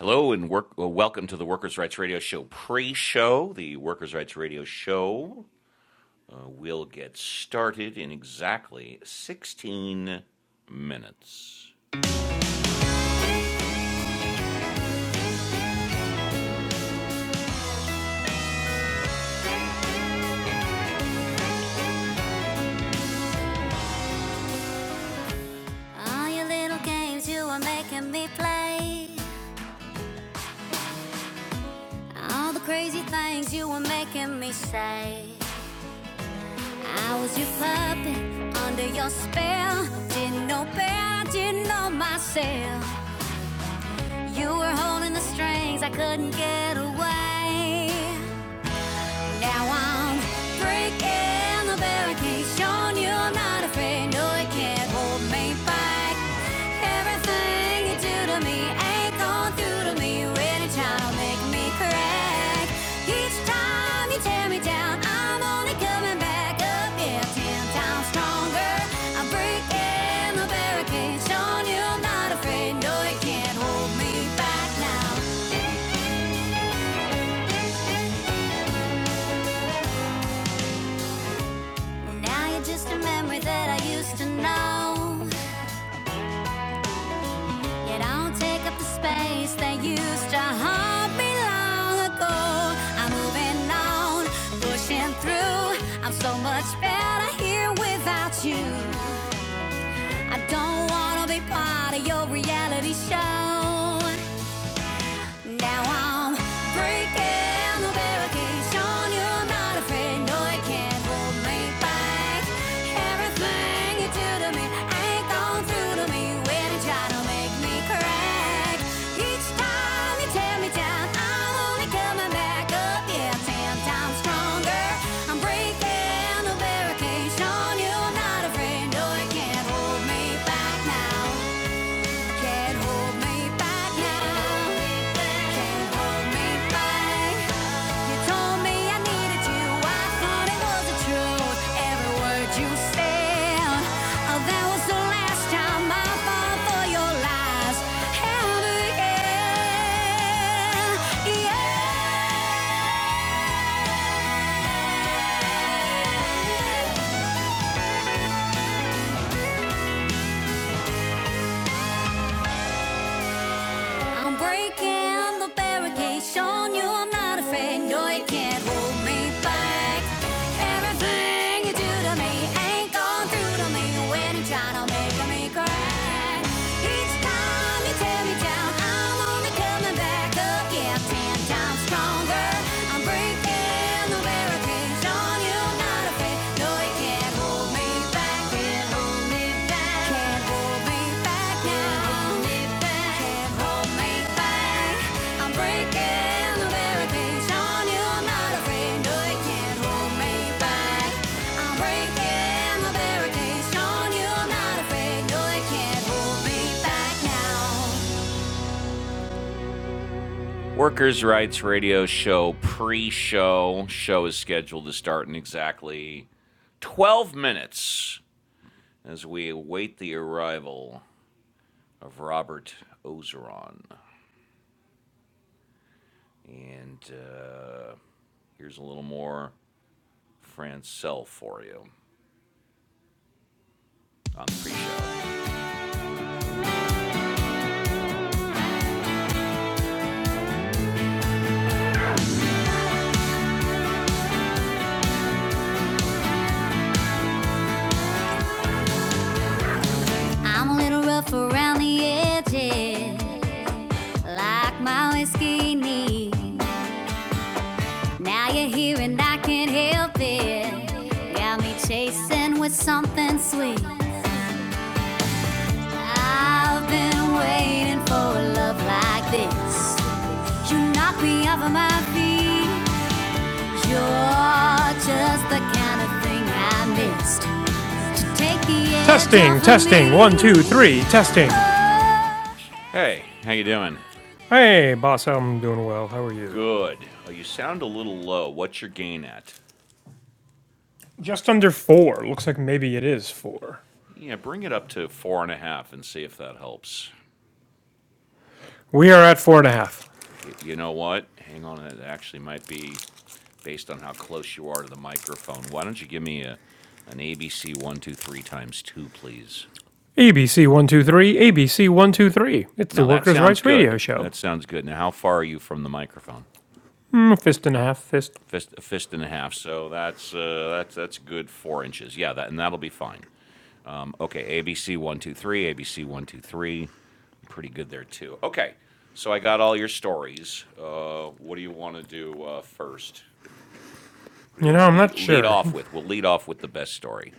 Hello and work, well, welcome to the Workers' Rights Radio Show pre show. The Workers' Rights Radio Show uh, will get started in exactly 16 minutes. All your little games you were making me play. All the crazy things you were making me say. I was your puppet under your spell. Didn't know better, didn't know myself. You were holding the strings, I couldn't get away. Now I'm breaking the barricades, showing you I'm not afraid. No, it can't hold me back. Everything you do to me ain't going through to me. when Really trying to make me crack. Each time you tear me down, I'm only coming back up. Yeah, ten times stronger. I'm breaking the barricades, showing you I'm not afraid. No, it can't hold me back now. Now you're just a memory that I used to know. It don't take up the space that used to haunt me long ago. I'm moving on, pushing through. I'm so much better here without you. I don't wanna be part of your reality show. Now I'm breaking the barricades, you i not afraid. No, I can't hold me back. Everything you do to me ain't gone through to me when you to make me crack. Each time you tear me down, I'm only coming back up, yeah, ten times stronger. I'm breaking the barricades, you i not afraid. No, I can't hold me back now. Can't hold me back now. Can't hold me back. You told me I needed you. I thought it was the truth. Every word you said. Oh, that was the last time I fall for your lies. Ever again. Yeah. I'm breaking the barricades, showing you I'm not afraid. No, you can't hold me back. Everything you do to me ain't gone through to me when you try to make me cry. Each time you tear me down, I'm only coming back again. Ten times stronger. I'm breaking the barricades, showing you I'm not Workers' Rights Radio Show pre show. Show is scheduled to start in exactly 12 minutes. as we await the arrival of Robert Ozeron. And uh, here's a little more Francel for you on the pre-show. I'm a little rough around the edges, like my whiskey needs. Now you're here and I can't help it. Got me chasing with something sweet. I've been waiting for a love like this. You knock me off of my feet. You're just the kind of thing I missed to take the edge Testing, off of testing, one, me. two, three, testing. Oh, Hey, how you doing? Hey, boss, I'm doing well. How are you? Good. Oh, you sound a little low. What's your gain at? Just under four. Looks like maybe it is four. Yeah, bring it up to four and a half and see if that helps. We are at four and a half. Y- you know what? Hang on, it actually might be based on how close you are to the microphone. Why don't you give me a an ABC one two three times two, please? ABC one two three, ABC one two three. It's the Now that Workers' sounds Rights Radio good. Show. That sounds good. Now, how far are you from the microphone? Mm, fist and a half, fist. fist, a fist and a half. So that's uh, that's that's good four inches. Yeah, that and that'll be fine. Um, okay, ABC one two three, ABC one two three, pretty good there too. Okay, so I got all your stories. Uh, what do you want to do uh, first? What do You you know, want to I'm lead not lead sure. off with? We'll lead off with the best story.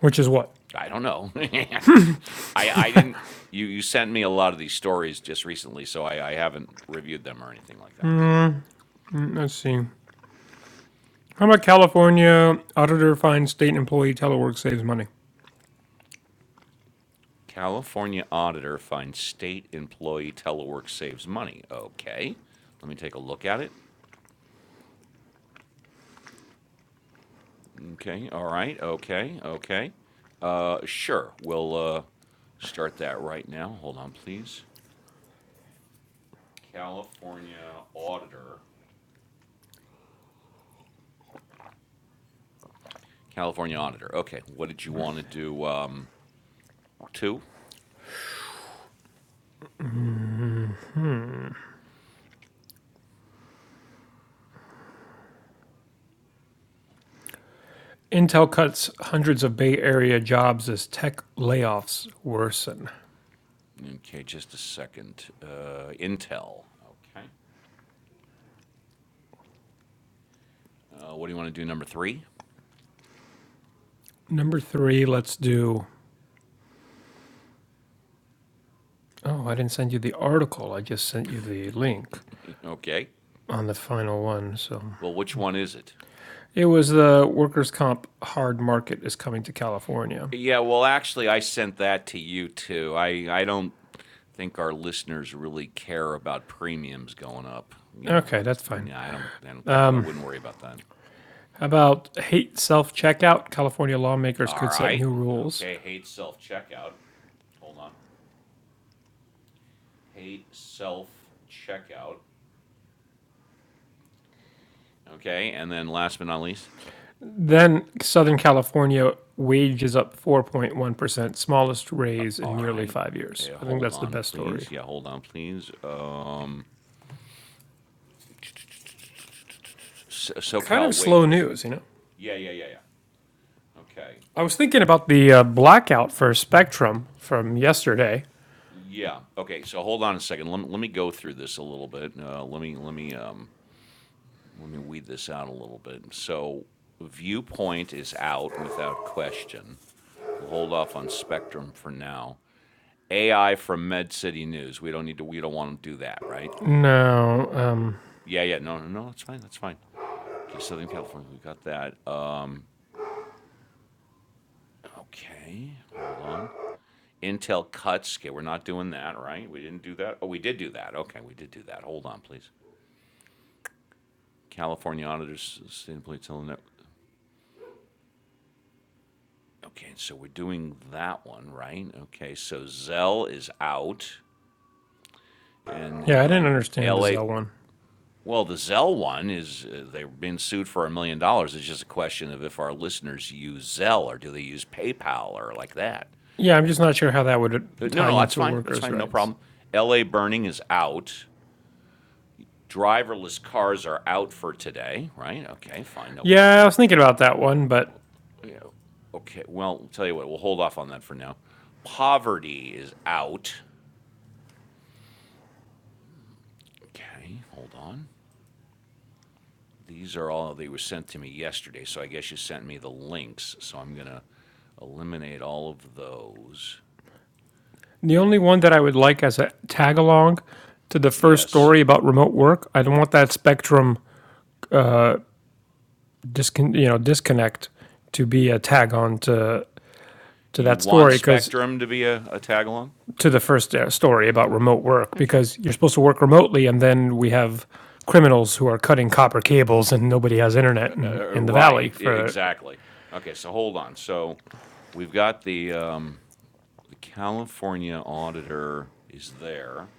Which is what? I don't know. I I didn't. You you sent me a lot of these stories just recently, so I, I haven't reviewed them or anything like that. So Let's see. How about California auditor finds state employee telework saves money? California auditor finds state employee telework saves money. Okay. Let me take a look at it. Okay. All right. Okay. Okay. Uh, sure. We'll uh, start that right now. Hold on, please. California auditor. California auditor. Okay. What did you want to do? Um, two? Intel cuts hundreds of Bay Area jobs as tech layoffs worsen. Okay. Just a second. Uh, Intel. Okay. Uh, what do you want to do? Number three? Number three, let's do Oh, I didn't send you the article. I just sent you the link Okay. on the final one. So Well, which one is it? it was the workers' comp hard market is coming to California. Yeah, well, actually, I sent that to you too. I I don't think our listeners really care about premiums going up. You Okay, know, that's fine. yeah, I don't. I don't. I wouldn't worry about that. How about hate self checkout? California lawmakers All could set right. new rules. Okay. Hate self checkout. Hold on. Hate self checkout. Okay, and then last but not least. Then Southern California wages up 4.1%, smallest raise in All nearly right. five years. Yeah, I think hold that's the on, best story. please. Yeah, hold on, please. Uh, S- Kind of SoCal slow wages. news, you know? Yeah, yeah, yeah, yeah. Okay. I was thinking about the uh, blackout for Spectrum from yesterday. Yeah, okay, so hold on a second, let, me- let me go through this a little bit, uh, let me, let me, um, let me weed this out a little bit. So viewpoint is out without question, we'll hold off on spectrum for now. AI from Med City News, we don't need to, we don't wanna do that, right? No, um, Yeah, yeah, no, no, no, that's fine, that's fine. Okay, Southern California, we got that, um, okay, hold on. Intel cuts, okay, we're not doing that, right? We didn't do that, oh, we did do that, okay, we did do that, hold on, please. California auditors, state employee telling that. Okay, so we're doing that one, right? Okay, so Zell is out, and Yeah, I didn't then understand the LA. Zell one. Well, the Zell one is uh, they're being sued for a million dollars. It's just a question of if our listeners use Zell or do they use PayPal or like that. Yeah, I'm just not sure how that would Uh, No, tie no, that's into fine. That's workers' fine. No rights. problem. LA burning is out. Driverless cars are out for today, right? Okay, fine. No Yeah, I problem. was thinking about that one, but Yeah, Okay, well, I'll tell you what, we'll hold off on that for now. Poverty is out. Okay, hold on. These are all they were sent to me yesterday, so I guess you sent me the links. So I'm gonna eliminate all of those. the Yeah. only one that I would like as a tag along to the first Yes. story about remote work, I don't want that spectrum discon- you know disconnect to be a tag on to to You that want story because Spectrum to be a, a tag along? to the first uh, story about remote work Okay. because you're Yeah. supposed to work remotely and then we have criminals who are cutting copper cables and nobody has internet in, Uh, in the right. valley Ex- e, for exactly. Okay. So hold on. So we've got the um, the California auditor is there.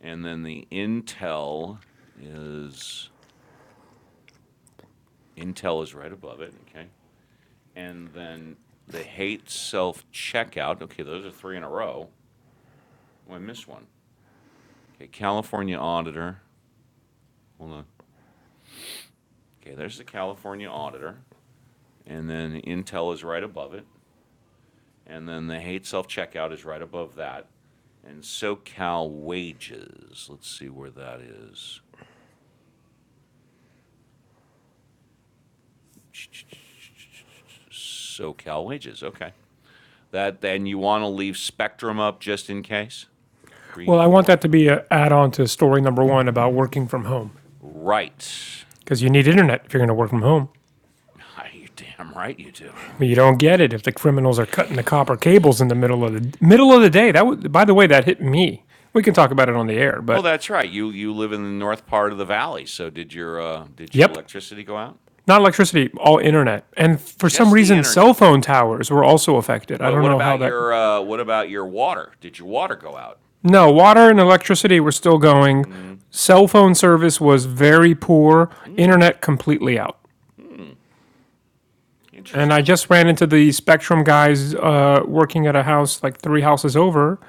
And then the Intel is Intel is right above it. Okay. And then the hate self checkout. Okay, those are three in a row. Oh, I missed one. Okay, California auditor. Hold on. Okay, there's the California auditor. And then Intel is right above it. And then the hate self checkout is right above that. And SoCal wages. Let's see where that is. SoCal wages. Okay. That then you want to leave Spectrum up just in case. Three, Well, I want four, that to five. be an add-on to story number one about working from home, Right. because you need internet if you're going to work from home. You're damn right you do. But you don't get it if the criminals are cutting the copper cables in the middle of the middle of the day. That would, by the way, that hit me. We can talk about it on the air, Oh, but that's right. You you live in the north part of the valley. So did your uh, did your yep, electricity go out? not electricity, all internet, and for some Just the reason, cell internet. phone towers were also affected. I What don't what know how about that. your uh, what about your water? Did your water go out? No, water and electricity were still going. Cell phone service was very poor. Internet completely out. And I Interesting. just ran into the Spectrum guys uh, working at a house like three houses over,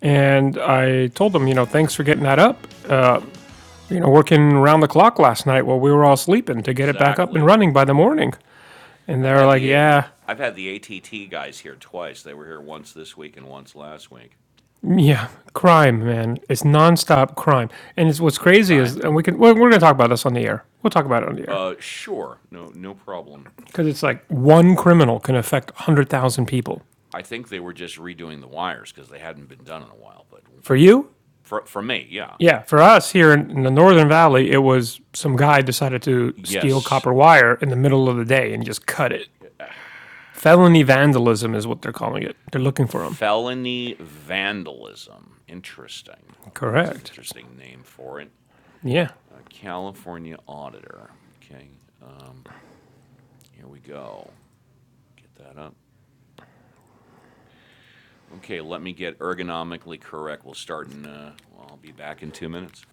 and I told them, you know, thanks for getting that up. Uh, you know, working around the clock last night while we were all sleeping to get it back up and Exactly. running by the morning. And I've they're had like, the A- yeah, I've had the ATT guys here twice. They were here once this week and once last week. yeah, crime, man. It's nonstop crime. And it's what's crazy is, Crime? and we can we're, Well, we're going to Okay. talk about this on the air. We'll talk about it on the air Uh, sure. No, no problem. because it's like one criminal can affect one hundred thousand people. I think they were just redoing the wires because they hadn't been done in a while. But For you, for, for me, yeah. Yeah, for us here in, in the Northern Valley, it was some guy decided to steal Yes. copper wire in the middle of the day and just cut it. Felony vandalism is what they're calling it. They're looking for him. Felony vandalism. Interesting. Okay, that's an Correct. interesting name for it. yeah. Uh, California auditor. Okay. Uh, here we go. Get that up. Okay, let me get ergonomically correct. We'll start in, uh, well, I'll be back in two minutes.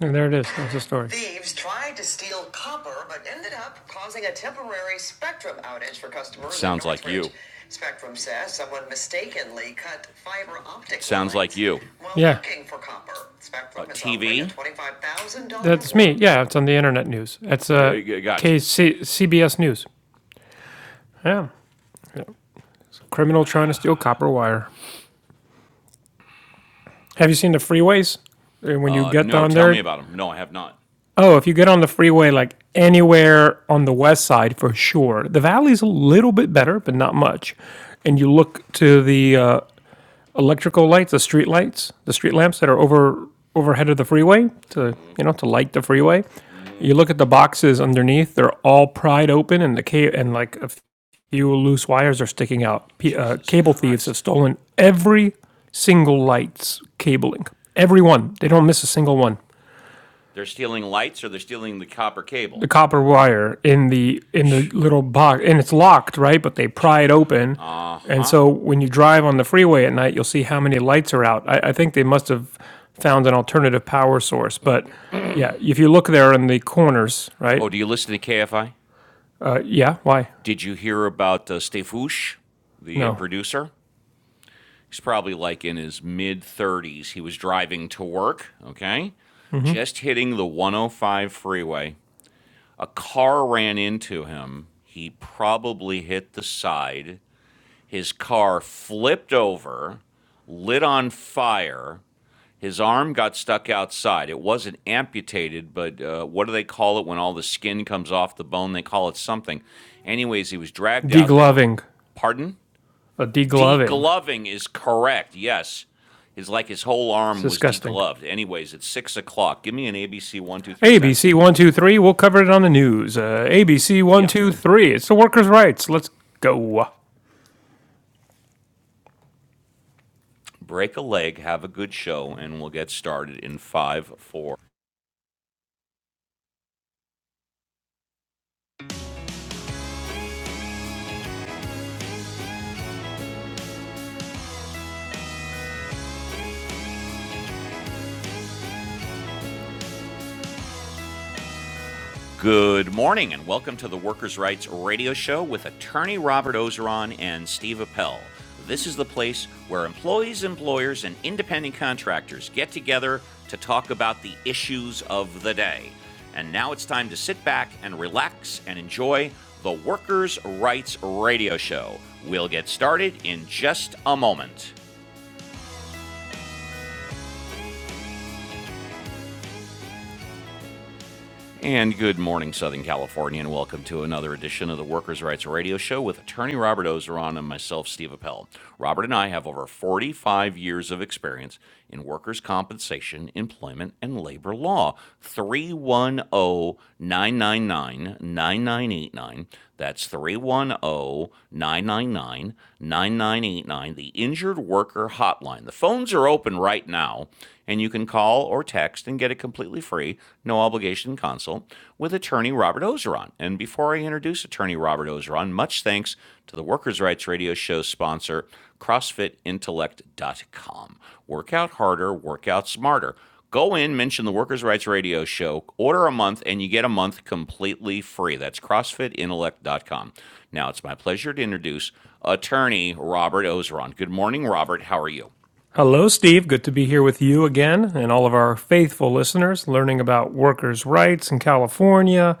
And there it is. That's the story. It sounds like you. It sounds like you. Yeah, Uh, TV? that's me. Yeah, it's on the internet news. It's Uh, uh, uh, gotcha. KC- CBS News. Yeah, criminal trying to steal copper wire. Have you seen the freeways? Uh, When you Uh, get no, down tell me there, about them. No, I have not. Oh, if you get on the freeway, like anywhere on the west side, for sure. The valley's a little bit better, but not much. And you look to the uh, electrical lights, the street lights, the street lamps that are over overhead of the freeway to you know to light the freeway. You look at the boxes underneath; they're all pried open, and the ca- and like a few loose wires are sticking out. P- uh, Jesus cable thieves have Christ. stolen every single light's cabling. Every one. They don't miss a single one. They're stealing lights or they're stealing the copper cable. the copper wire in the in the Shh. little box and it's locked right but they pry it open Uh and huh. so when you drive on the freeway at night you'll see how many lights are out i, I think they must have found an alternative power source but yeah if you look there in the corners right Oh, do you listen to KFI? uh, yeah why Did you hear about uh, Stefouche, the uh, no producer? He's probably like in his mid 30s. He was driving to work, okay? Just hitting the 105 freeway. A car ran into him. He probably hit the side. His car flipped over, lit on fire. His arm got stuck outside. It wasn't amputated, but uh, what do they call it when all the skin comes off the bone? They call it something. Anyways, he was dragged out. They were, degloving pardon? a degloving Degloving is correct. Yes. it's like his whole it's arm was disgusting degloved. Anyways, it's six o'clock. Give me an ABC one, two, three times abc two. 123 we'll cover it on the news uh, abc Yeah. 123 it's the workers rights let's go Break a leg, have a good show, and we'll get started in five, four. Good morning, and welcome to the Workers' Rights Radio Show with attorney Robert Ozeron and Steve Appel. This is the place where employees, employers, and independent contractors get together to talk about the issues of the day. And now it's time to sit back and relax and enjoy the Workers' Rights Radio Show. We'll get started in just a moment. And good morning, Southern California, and welcome to another edition of the Workers' Rights Radio Show with attorney Robert Ozeron and myself, Steve Appel. Robert and I have over 45 years of experience in workers' compensation, employment, and labor law. Three one o 999 9989. That's 310 999 9989. the Injured Worker Hotline. The phones are open right now, and you can call or text and get a completely free, no obligation consult with attorney Robert Ozeron. And before I introduce attorney Robert Ozeron, much thanks to the Workers' Rights Radio Show sponsor, CrossFitIntellect.com. Work out harder, work out smarter. Go in, mention the Workers' Rights Radio Show, order a month, and you get a month completely free. That's CrossFitIntellect.com. Now it's my pleasure to introduce attorney Robert Ozeron. Good morning, Robert. How are you? Hello, Steve. Good to be here with you again and all of our faithful listeners learning about workers' rights in California,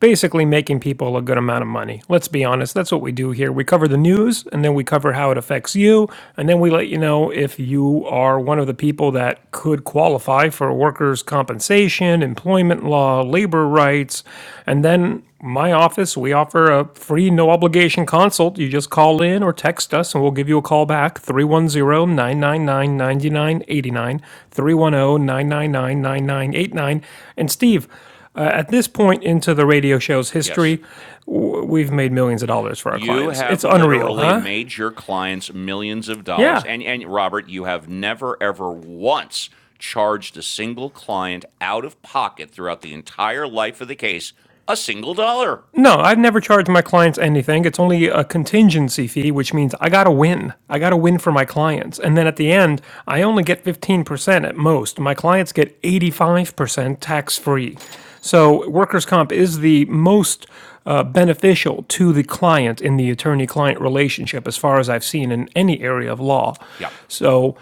basically making people a good amount of money. Let's be honest, that's what we do here. We cover the news and then we cover how it affects you, and then we let you know if you are one of the people that could qualify for workers' compensation, employment law, labor rights. And then my office, we offer a free, no obligation consult. You just call in or text us and we'll give you a call back Three one zero nine nine nine ninety nine eighty nine, three one zero nine nine nine nine nine eight nine. And Steve, uh, at this point into the radio show's Yes. history, w- we've made millions of dollars for our You clients. It's have unreal, literally huh? made your clients millions of dollars. Yeah. And, and Robert, you have never, ever once charged a single client out of pocket throughout the entire life of the case a single dollar. No, I have never charged my clients anything. It's only a contingency fee, which means I got to win. I got to win for my clients. And then at the end, I only get 15% at most. My clients get 85% tax free. So workers' comp is the most uh, beneficial to the client in the attorney client relationship, as far as I've seen in any area of law. Yep. Yeah. So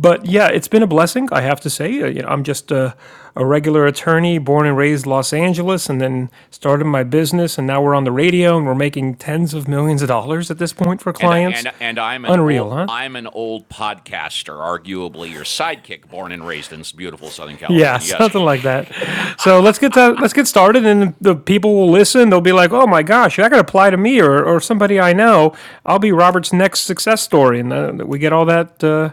but yeah, it's been a blessing, I have to say. Uh, you know, I'm just a, a regular attorney, born and raised Los Angeles, and then started my business, and now we're on the radio, and we're making tens of millions of dollars at this point for and clients. and and I'm an Unreal, old huh? I'm an old podcaster, arguably your sidekick, born and raised in beautiful Southern Yeah, California. Yes, something like that. So let's get to, let's get started, and the people will listen. They'll be like, "Oh my gosh, that could apply to me or, or somebody I know." I'll be Robert's next success story, and uh, we get all that uh,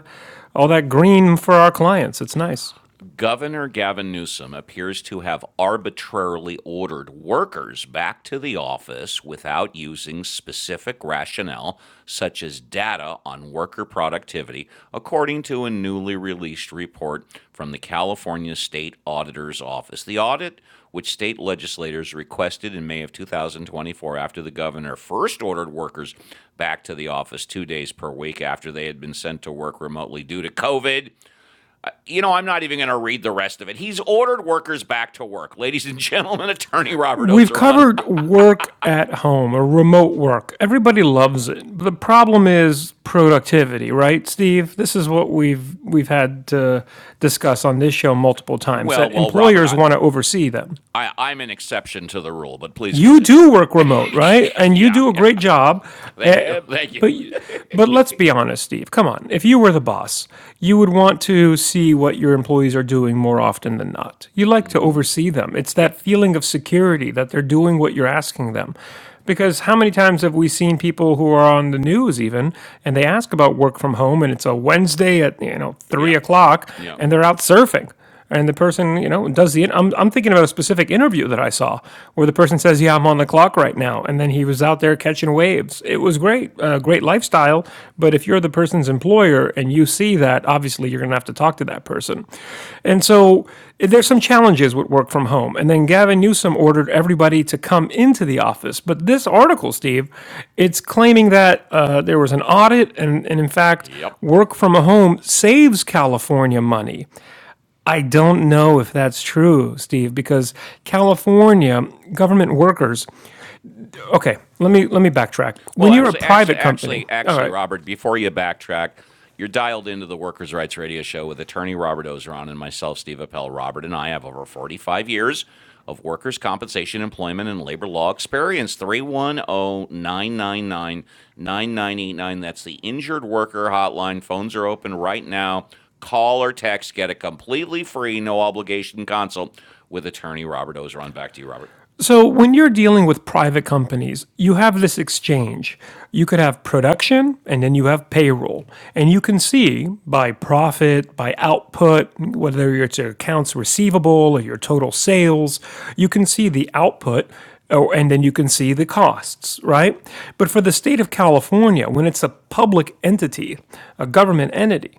all that green for our clients. It's nice. Governor Gavin Newsom appears to have arbitrarily ordered workers back to the office without using specific rationale, such as data on worker productivity, according to a newly released report from the California State Auditor's Office. The audit, which state legislators requested in May of 2024 after the governor first ordered workers back to the office two days per week after they had been sent to work remotely due to COVID you know, I'm not even going to read the rest of it. He's ordered workers back to work. Ladies and gentlemen, attorney Robert We've Oseron. covered work at home or remote work. Everybody loves it. The problem is productivity, right, Steve? This is what we've we've had to discuss on this show multiple times that well, well, Robert, employers I'm, want to oversee them I, I'm an exception to the rule, but please you continue. do work remote, right? And you yeah, do a yeah. great job. Thank you. Uh, Thank you. but but let's be honest, Steve. Come on. If you were the boss, you would want to see what your employees are doing more often than not. You like to oversee them. It's Yep. that feeling of security that they're doing what you're asking them. Because how many times have we seen people who are on the news even, and they ask about work from home, and it's a Wednesday at you know Yeah. three o'clock, Yep. and they're out surfing and the person you know does the I'm, I'm thinking about a specific interview that i saw where the person says yeah i'm on the clock right now and then he was out there catching waves it was great uh, great lifestyle but if you're the person's employer and you see that obviously you're going to have to talk to that person and so there's some challenges with work from home and then gavin newsom ordered everybody to come into the office but this article steve it's claiming that uh, there was an audit and, and in fact Yep. work from home saves california money I don't know if that's true, Steve, because California government workers. Okay, let me let me backtrack. Well, When you're a actually, actually, private company, actually, all actually, right, Robert, before you backtrack, you're dialed into the Workers' Rights Radio Show with attorney Robert Ozeron and myself, Steve Appel. Robert and I have over 45 years of workers' compensation, employment, and labor law experience. Three one o 999 9989. That's the injured worker hotline. Phones are open right now. Call or text. Get a completely free, no obligation consult with attorney Robert Ozeron. Back to you, Robert. So, when you're dealing with private companies, you have this exchange. You could have production and then you have payroll. And you can see by profit, by output, whether it's your accounts receivable or your total sales, you can see the output or, and then you can see the costs, right? But for the state of California, when it's a public entity, a government entity,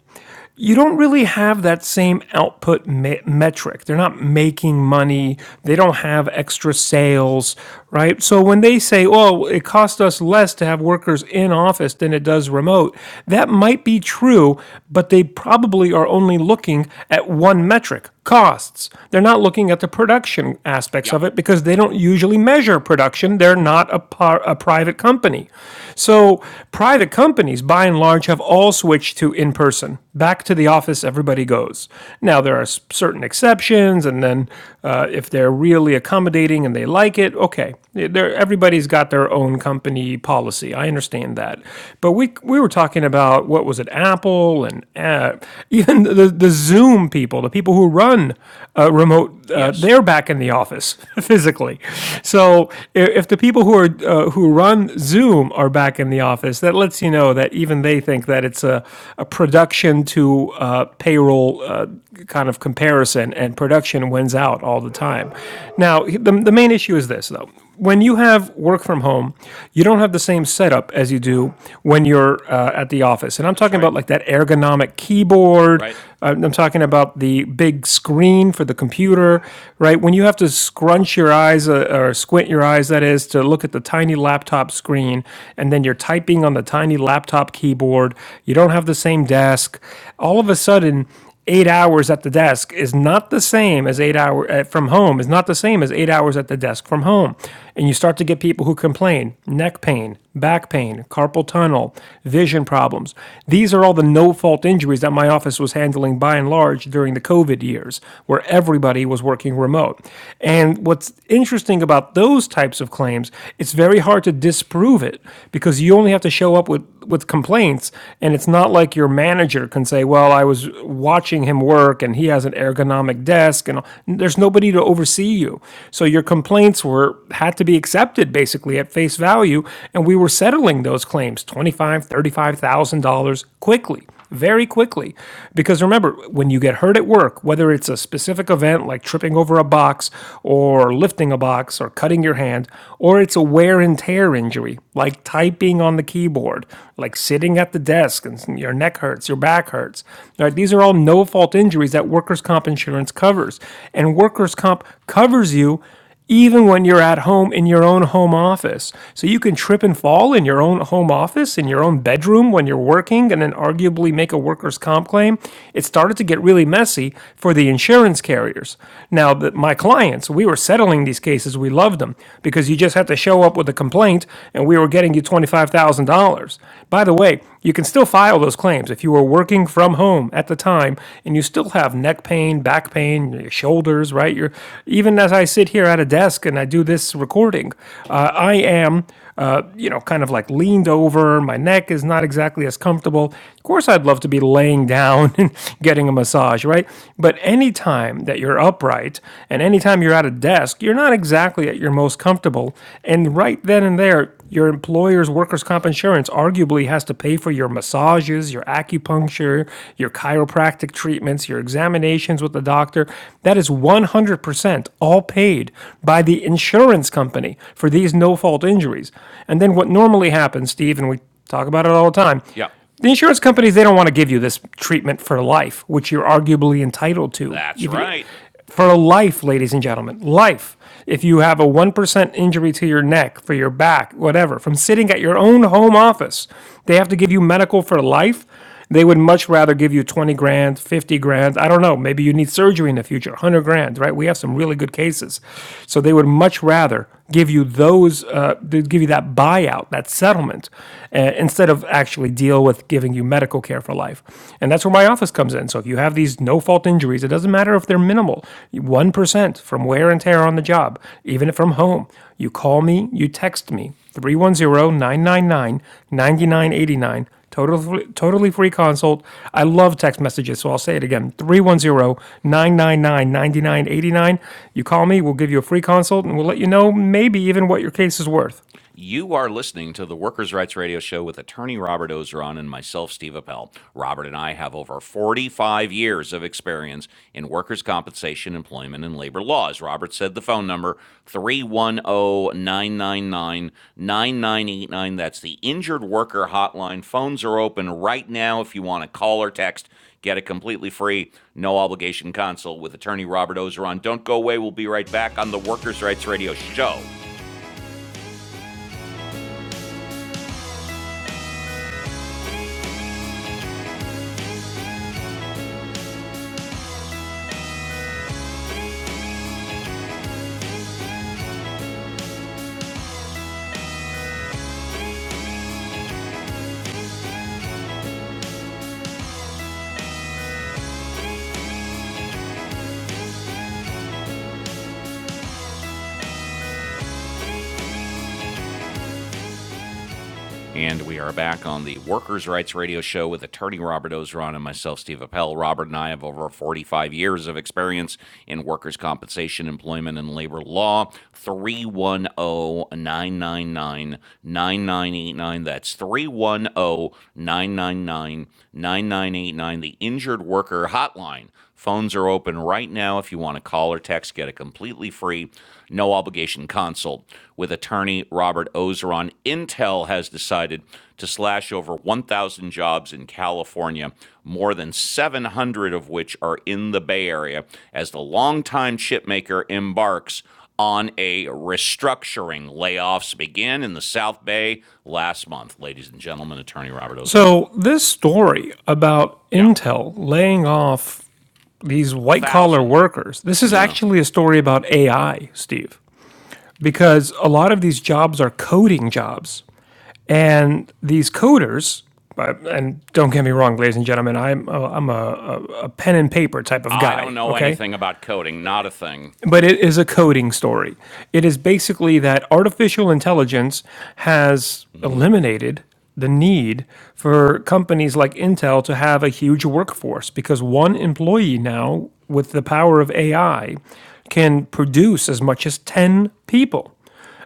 you don't really have that same output me- metric. They're not making money. They don't have extra sales, right? So when they say, "Oh, it cost us less to have workers in office than it does remote," that might be true, but they probably are only looking at one metric, costs. They're not looking at the production aspects Yeah. of it because they don't usually measure production. They're not a, par- a private company. So private companies, by and large, Orange have all switched to in person. Back to the office, everybody goes. Now, there are certain exceptions, and then uh, if they're really accommodating and they like it, okay. They're, everybody's got their own company policy. I understand that. But we, we were talking about what was it, Apple and uh, even the, the Zoom people, the people who run uh, remote, uh, Yes. they're back in the office physically. Yeah. So if, if the people who are uh, who run Zoom are back in back in the office that lets you know that even they think that it's a, a production to uh, payroll uh, kind of comparison, and production wins out all the time. Now, the, the main issue is this, though. When you have work from home, you don't have the same setup as you do when you're uh, at the office. And I'm That's talking about right. like that ergonomic keyboard. Right. Uh, I'm talking about the big screen for the computer, right? When you have to scrunch your eyes uh, or squint your eyes, that is, to look at the the tiny laptop screen, and then you're typing on the tiny laptop keyboard. You don't have the same desk. All of a sudden, eight hours at the desk is not the same as eight hours from home is not the same as eight hours at the desk from home and you start to get people who complain neck pain back pain carpal tunnel vision problems these are all the no fault injuries that my office was handling by and large during the covid years where everybody was working remote and what's interesting thing about those types of claims, it's very hard to disprove it because you only have to show up with, with complaints. And it's not like your manager can say, well, I was watching him work and he has an ergonomic desk and there's nobody to oversee you. So your complaints were had to be accepted basically at face value. And we were settling those claims, $25,000, $35,000 quickly very quickly. Because remember, when you get hurt at work, whether it's a specific event like tripping over a box or lifting a box or cutting your hand, or it's a wear and tear injury like typing on the keyboard, like sitting at the desk and your neck hurts, your back hurts, right? These are all no fault injuries that workers' comp insurance covers. And workers' comp covers you even when you're at home in your own home office. So you can trip and fall in your own home office, in your own bedroom when you're working, and then arguably make a workers' comp claim. It started to get really messy for the insurance carriers. Now, my clients, we were settling these cases, we loved them because you just had to show up with a complaint and we were getting you $25,000. By the way, you can still file those claims if you were working from home at the time and you still have neck pain, back pain, your shoulders, right? You're, even as I sit here at a desk and I do this recording, uh, I am, uh, you know, kind of like leaned over. My neck is not exactly as comfortable. Of course, I'd love to be laying down and getting a massage, right? But anytime that you're upright and anytime you're at a desk, you're not exactly at your most comfortable. And right then and there, your employer's workers' comp insurance arguably has to pay for your massages, your acupuncture, your chiropractic treatments, your examinations with the doctor. That is 100% all paid by the insurance company for these no fault injuries. And then what normally happens, Steve, and we talk about it all the time Yeah. the insurance companies they don't want to give you this treatment for life, which you're arguably entitled to. That's If it, right. for life, ladies and gentlemen, life. If you have a 1% injury to your neck, for your back, whatever, from sitting at your own home office, they have to give you medical for life. They would much rather give you 20 grand, 50 grand. I don't know. Maybe you need surgery in the future, 100 grand, right? We have some really good cases. So they would much rather give you those, uh, they'd give you that buyout, that settlement, uh, instead of actually deal with giving you medical care for life. And that's where my office comes in. So if you have these no fault injuries, it doesn't matter if they're minimal, 1% from wear and tear on the job, even from home, you call me, you text me. three one zero nine nine nine ninety nine eighty nine. Totally, totally free consult. I love text messages, so I'll say it again three one zero nine nine nine ninety nine eighty nine. You call me, we'll give you a free consult, and we'll let you know maybe even what your case is worth. You are listening to the Workers' Rights Radio Show with attorney Robert Ozeron and myself, Steve Appel. Robert and I have over 45 years of experience in workers' compensation, employment, and labor laws. Robert said the phone number 310 999 9989. That's the injured worker hotline. Phones are open right now if you want to call or text. Get a completely free, no obligation consult with attorney Robert Ozeron. Don't go away. We'll be right back on the Workers' Rights Radio Show. And we are back on the Workers' Rights Radio Show with attorney Robert Ozeron and myself, Steve Appel. Robert and I have over 45 years of experience in workers' compensation, employment, and labor law. 310 999 9989. That's 310 999 9989. the Injured Worker Hotline. Phones are open right now if you want to call or text. Get a completely free, no obligation consult with attorney Robert Ozeron. Intel has decided to slash over 1,000 jobs in California, more than 700 of which are in the Bay Area, as the longtime chipmaker embarks on a restructuring. Layoffs began in the South Bay last month. Ladies and gentlemen, attorney Robert Ozeron. So, this story about Yeah, Intel laying off these a white collar thousand. workers, this is Yeah. actually a story about AI, Steve. because a lot of these jobs are coding jobs. And these coders, uh, and don't get me wrong, ladies and gentlemen, I'm a, I'm a, a pen and paper type of I don't guy, know okay? anything about coding, not a thing. But it is a coding story. It is basically that artificial intelligence has eliminated the need for companies like Intel to have a huge workforce because one employee now, with the power of AI, can produce as much as 10 people.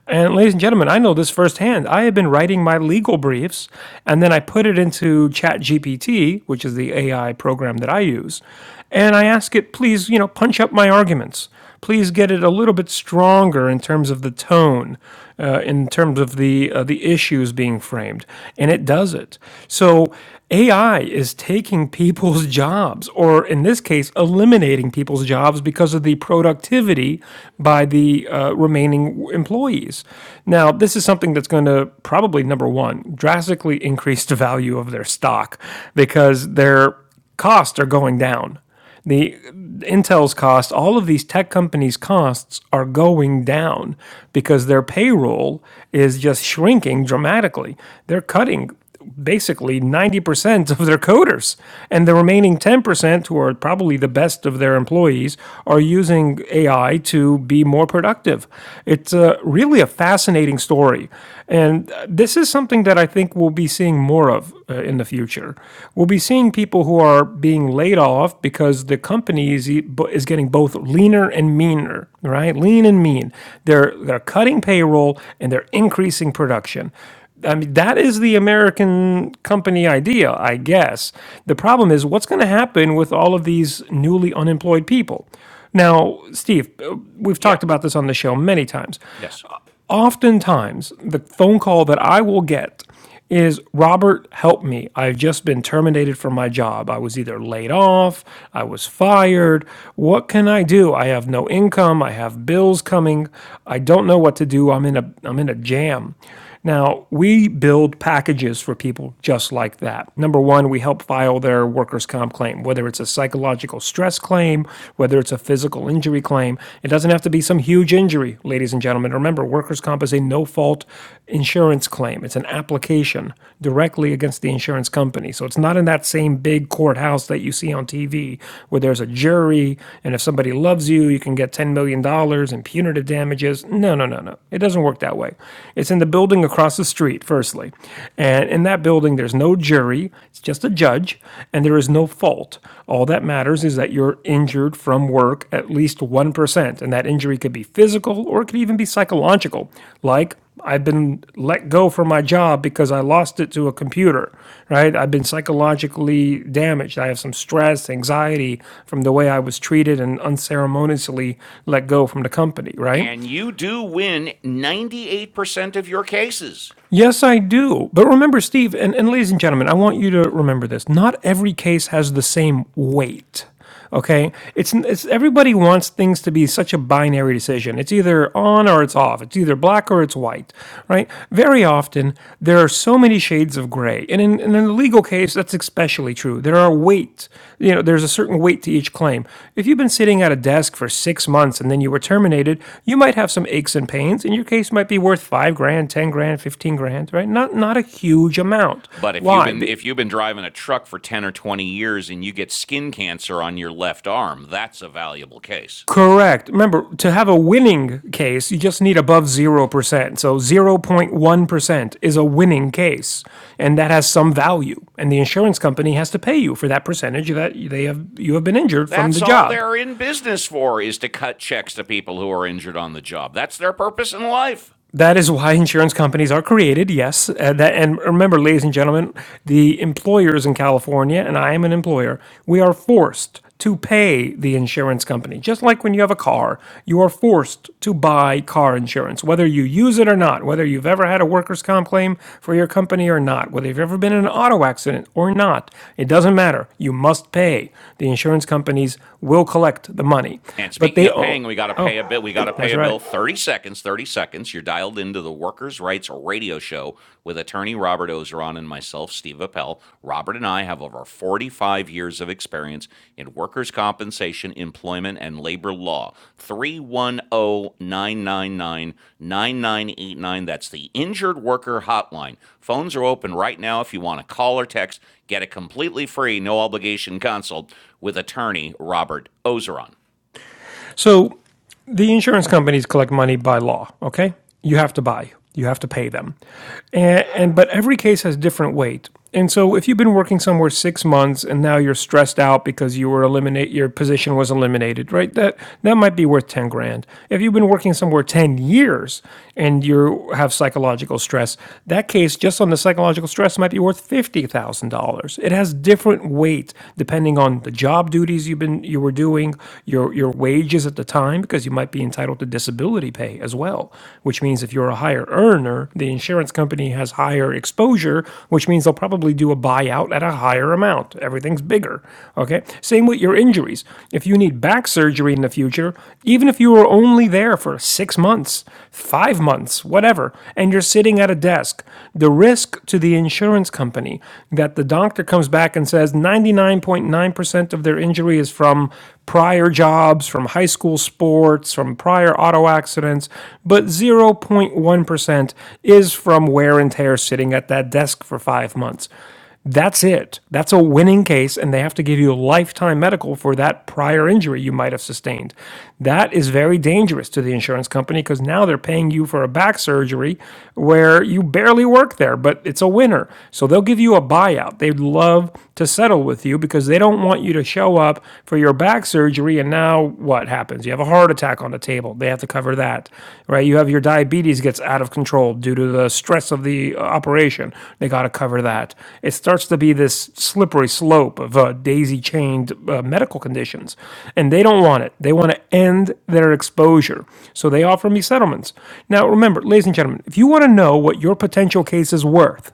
And ladies and gentlemen, I know this firsthand. I have been writing my legal briefs and then I put it into ChatGPT, which is the AI program that I use, and I ask it, please, you know, punch up my arguments. Please get it a little bit stronger in terms of the tone, uh, in terms of the uh, the issues being framed, and it does it. So AI is taking people's jobs, or in this case, eliminating people's jobs because of the productivity by the uh, remaining employees employees. Now, this is something that's going to probably, number one, drastically increase the value of their stock because their costs are going down. The Intel's costs, all of these tech companies' costs are going down because their payroll is just shrinking dramatically. They're cutting basically 90% of their coders and the remaining 10% who are probably the best of their employees are using ai to be more productive it's uh, really a fascinating story and uh, this is something that i think we'll be seeing more of uh, in the future we'll be seeing people who are being laid off because the company is, e- is getting both leaner and meaner right lean and mean they're they're cutting payroll and they're increasing production I mean, that is the American company idea, I guess. The problem is, what's going to happen with all of these newly unemployed people? Now, Steve, uh, we've Yeah. talked about this on the show many times. Yes. Oftentimes, the phone call that I will get is Robert, help me. I've just been terminated from my job. I was either laid off, I was fired. What can I do? I have no income. I have bills coming. I don't know what to do. I'm in a I'm in a jam. Now, we build packages for people just like that. Number one, we help file their workers' comp claim, whether it's a psychological stress claim, whether it's a physical injury claim. It doesn't have to be some huge injury, ladies and gentlemen. Remember, workers' comp is a no fault insurance claim, it's an application directly against the insurance company. So it's not in that same big courthouse that you see on TV where there's a jury, and if somebody loves you, you can get $10 million dollars in punitive damages. No, no, no, no. It doesn't doesn't work that way. It's in the building across the street, firstly. And in that building, there's no jury, it's just a judge, and there is no fault. All that matters is that you're injured from work at least 1%. And that injury could be physical or it could even be psychological, like I've been let go from my job because I lost it to a computer, right? I've been psychologically damaged. I have some stress, anxiety from the way I was treated and unceremoniously let go from the company, right? And you do win 98% of your cases. Yes, I do. But remember, Steve, and, and ladies and gentlemen, I want you to remember this. Not every case has the same weight. Okay? It's, it's everybody wants things to be such a binary decision. It's either on or it's off. It's either black or it's white, right? Very often there are so many shades of gray. And in, and in the legal case, that's especially true. There are weight, you know, there's a certain weight to each claim. If you've been sitting at a desk for six months and then you were terminated, you might have some aches and pains, and your case might be worth five grand, 10 grand, 15 grand, right? Not, not a huge amount. But if you've Why? been Be- if you've been driving a truck for 10 or 20 years and you get skin cancer on your left arm, that's a valuable case. Correct. Remember, to have a winning case, you just need above 0%. So 0.1% is a winning case, and that has some value. And the insurance company has to pay you for that percentage that they have you have been injured from the That's all job. they're in business for is to cut checks to people who are injured on the job. That's their purpose in life. That is why insurance companies are created, yes. And, that, and remember, ladies and gentlemen, the employers in California, and I am an employer, we are forced to pay the insurance company. Just like when you have a car, you are forced to buy car insurance, whether you use it or not, whether you've ever had a workers' comp claim for your company or not, whether you've ever been in an auto accident or not. It doesn't matter. You must pay. The insurance companies will collect the money. And But speaking they of own. paying, we got to Oh, pay a bit. We got to pay that's a right. bill. 30 seconds, 30 seconds. You're dialed into the Workers' Rights Radio Show with attorney Robert Ozeron and myself, Steve Appel. Robert and I have over 45 years of experience in workers' compensation, employment, and labor law. Three one o 999 9989. That's the Injured Worker Hotline. Phones are open right now if you want to call or text. Get a completely free, no obligation consult with attorney Robert Ozeron. So the insurance companies collect money by law, okay? You have to buy, you have to pay them. And, and but every case has different weight. And so if you've been working somewhere 6 months and now you're stressed out because you were eliminate your position was eliminated, right? That that might be worth 10 grand. If you've been working somewhere 10 years and you have psychological stress, that case just on the psychological stress might be worth $50,000. It has different weight depending on the job duties you've been you were doing, your your wages at the time, because you might be entitled to disability pay as well. Which means if you're a higher earner, the insurance company has higher exposure, which means they'll probably do a buyout at a higher amount. Everything's bigger. Okay. Same with your injuries. If you need back surgery in the future, even if you were only there for six months, five months, whatever, and you're sitting at a desk the risk to the insurance company that the doctor comes back and says 99.9% of their injury is from prior jobs, from high school sports, from prior auto accidents, but 0.1% is from wear and tear sitting at that desk for five months. That's it. That's a winning case, and they have to give you a lifetime medical for that prior injury you might have sustained. That is very dangerous to the insurance company because now they're paying you for a back surgery where you barely work there, but it's a winner. So they'll give you a buyout. They'd love to settle with you because they don't want you to show up for your back surgery and now what happens? You have a heart attack on the table. They have to cover that, right? You have your diabetes gets out of control due to the stress of the operation. They got to cover that. It starts to be this slippery slope of uh, daisy chained uh, medical conditions, and they don't want it. They want to end their exposure. So they offer me settlements. Now, remember, ladies and gentlemen, if you want to know what your potential case is worth,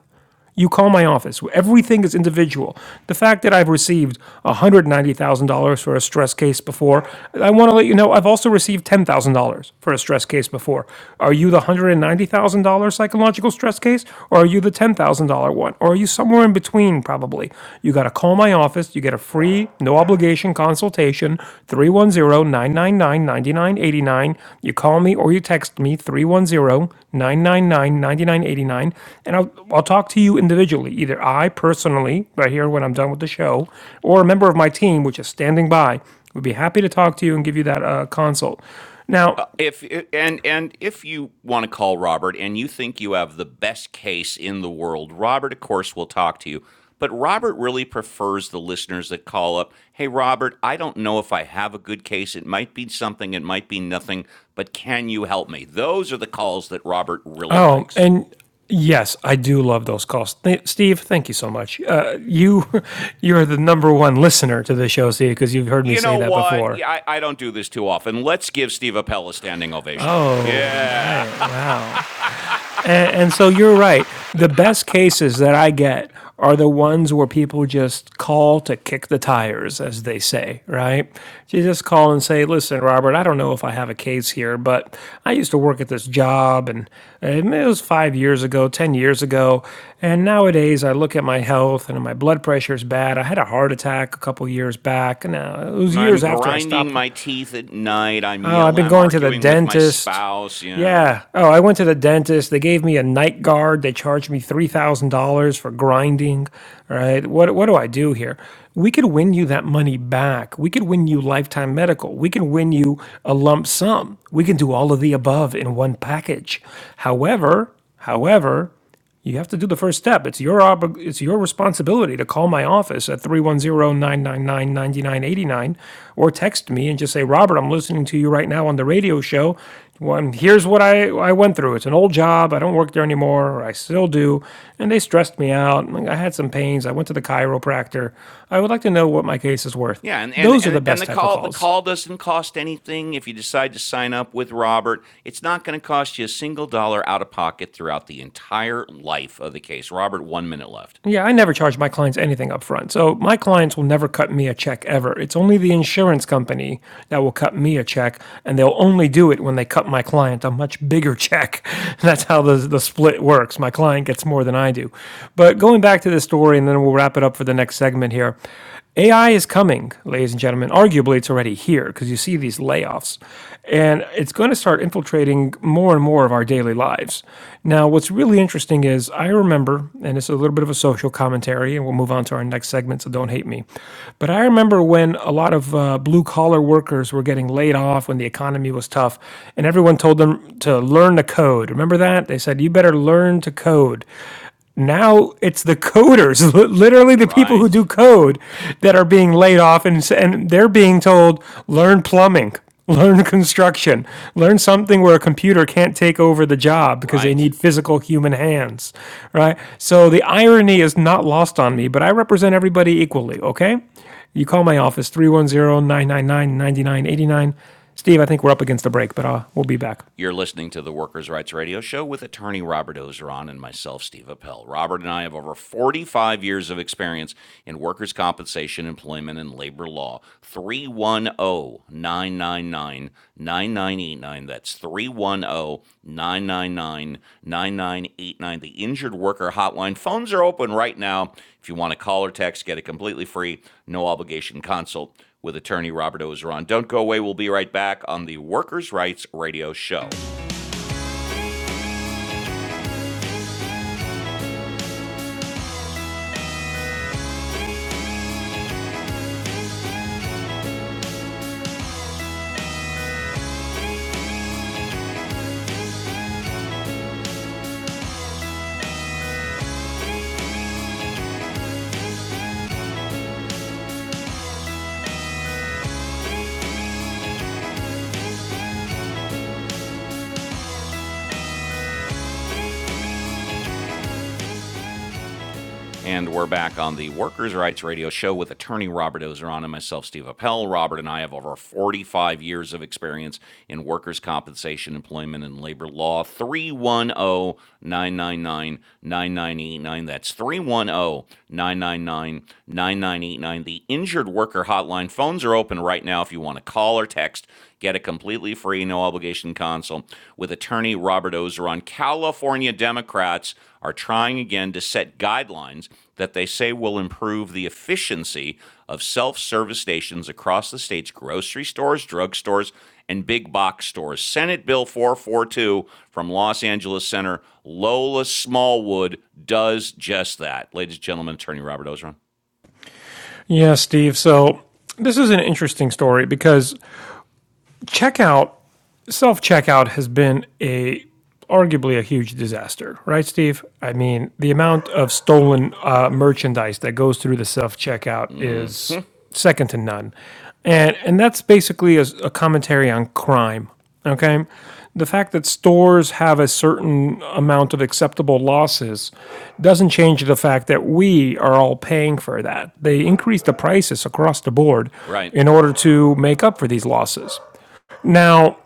you call my office. Everything is individual. The fact that I've received $190,000 for a stress case before, I want to let you know I've also received $10,000 for a stress case before. Are you the $190,000 psychological stress case or are you the $10,000 one? Or are you somewhere in between probably? You got to call my office. You get a free, no no obligation consultation, Three one zero nine nine nine ninety nine eighty nine. You call me or you text me, Three one zero nine nine nine ninety nine eighty nine, and I'll, I'll talk to you individually, either I personally, right here when I'm done with the show, or a member of my team, which is standing by. We'd be happy to talk to you and give you that uh, consult. Now, Uh, if and and if you want to call Robert and you think you have the best case in the world, Robert of course will talk to you. But Robert really prefers the listeners that call up. Hey Robert, I don't know if I have a good case. It might be something, it might be nothing, but can you help me? Those are the calls that Robert really oh, likes. and Yes, I do love those calls. Th- Steve, thank you so much. Uh, you, you're the number one listener to the show, Steve, because you've heard me You say know that what? before. Yeah, I, I don't do this too often. Let's give Steve Appel a standing ovation. Oh, Yeah. right. Wow. And, and so you're right. The best cases that I get are the ones where people just call to kick the tires, as they say, right? You just call and say, listen, Robert, I don't know if I have a case here, but I used to work at this job and and it was five years ago, 10 years ago. And nowadays I look at my health and my blood pressure is bad. I had a heart attack a couple years back. Now, it was I'm years after I grinding stopped my teeth at night. I'm Oh, I've yelling. been I'm going to the arguing with my dentist. spouse. Yeah, Yeah. Oh, I went to the dentist. They gave me a night guard. They charged me three thousand dollars for grinding. All right. What what do I do here? We could win you that money back. We could win you lifetime medical. We can win you a lump sum. We can do all of the above in one package. However, however, you have to do the first step. It's your obli- it's your responsibility to call my office at three one zero nine nine nine ninety nine eighty nine, or text me and just say, "Robert, I'm listening to you right now on the radio show. Well, and here's what I I went through. It's an old job. I don't work there anymore, or I still do, and they stressed me out. I had some pains. I went to the chiropractor. I would like to know what my case is worth." yeah. And and Those are and, the and best the types of call the calls. call doesn't cost anything if you decide to sign up with Robert. It's not going to cost you a single dollar out of pocket throughout the entire life of the case. Robert, one minute left. Yeah, I never charge my clients anything up front. So my clients will never cut me a check ever. It's only the insurance company that will cut me a check, and they'll only do it when they cut my client a much bigger check. That's how the, the split works. My client gets more than I do. But going back to this story, and then we'll wrap it up for the next segment here. AI is coming, ladies and gentlemen. Arguably, it's already here because you see these layoffs, and it's going to start infiltrating more and more of our daily lives. Now, what's really interesting is I remember, and it's a little bit of a social commentary, and we'll move on to our next segment, so don't hate me. But I remember when a lot of uh, blue collar workers were getting laid off when the economy was tough, and everyone told them to learn to code. Remember that? They said, you better learn to code. Now it's the coders, literally the people who do Right, code, that are being laid off, and and they're being told learn plumbing, learn construction, learn something where a computer can't take over the job because they right. need physical human hands, right? So the irony is not lost on me, but I represent everybody equally. Okay, you call my office three one zero nine nine nine ninety nine eighty nine. Steve, I think we're up against the break, but uh, we'll be back. You're listening to the Workers' Rights Radio Show with attorney Robert Ozeron and myself, Steve Appel. Robert and I have over 45 years of experience in workers' compensation, employment, and labor law. Three one o 999 nine nine eight nine. 999 9989. That's 310 310 The Injured Worker Hotline. Phones are open right now. If you want to call or text, get a completely free, no obligation consult with attorney Robert Ozeron. Don't go away. We'll be right back on the Workers' Rights Radio Show. And we're back on the Workers' Rights Radio Show with attorney Robert Ozeron and myself, Steve Appel. Robert and I have over 45 years of experience in workers' compensation, employment, and labor law. 310 999 9989. That's 310 999 9989. The Injured Worker Hotline phones are open right now if you want to call or text Get a completely free, no obligation consult with attorney Robert Ozeron. California Democrats are trying again to set guidelines that they say will improve the efficiency of self service stations across the state's grocery stores, drugstores, and big box stores. Senate Bill 442 from Los Angeles Senator Lola Smallwood does just that. Ladies and gentlemen, attorney Robert Ozeron. Yeah, Steve. So this is an interesting story because checkout self checkout has been a arguably a huge disaster, right, Steve? I mean, the amount of stolen uh, merchandise that goes through the self checkout is second to none, and and that's basically a a commentary on crime. Okay, the fact that stores have a certain amount of acceptable losses doesn't change the fact that we are all paying for that. They increase the prices across the board Right. in order to make up for these losses. Now,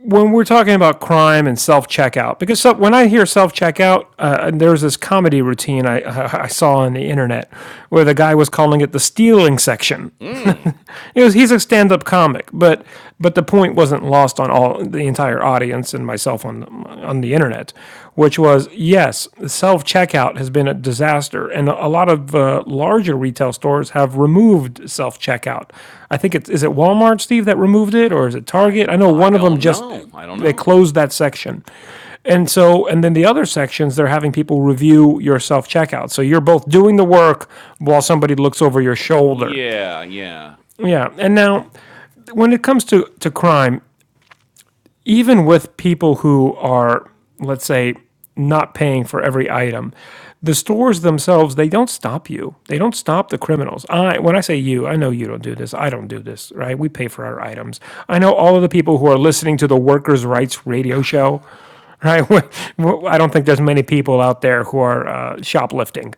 when we're talking about crime and self checkout, because so, when I hear self checkout, uh, there's this comedy routine I, I, saw on the internet where the guy was calling it the stealing section. Hmm. it was, he's a stand up comic, but but the point wasn't lost on all the entire audience and myself on on the internet, which was yes, self checkout has been a disaster, and a lot of uh, larger retail stores have removed self checkout. I think it's is it Walmart, Steve, that removed it, or is it I Target? I know I one of them don't just know. I don't they know. closed that section. And so, and then the other sections, they're having people review your self checkout. So you're both doing the work while somebody looks over your shoulder. Yeah, yeah. Yeah. And now, when it comes to, to crime, even with people who are, let's say, not paying for every item, the stores themselves they don't stop you. They don't stop the criminals. I when I say you, I know you don't do this. I don't do this, right? We pay for our items. I know all of the people who are listening to the Workers' Rights radio show right? I don't think there's many people out there who are uh, shoplifting,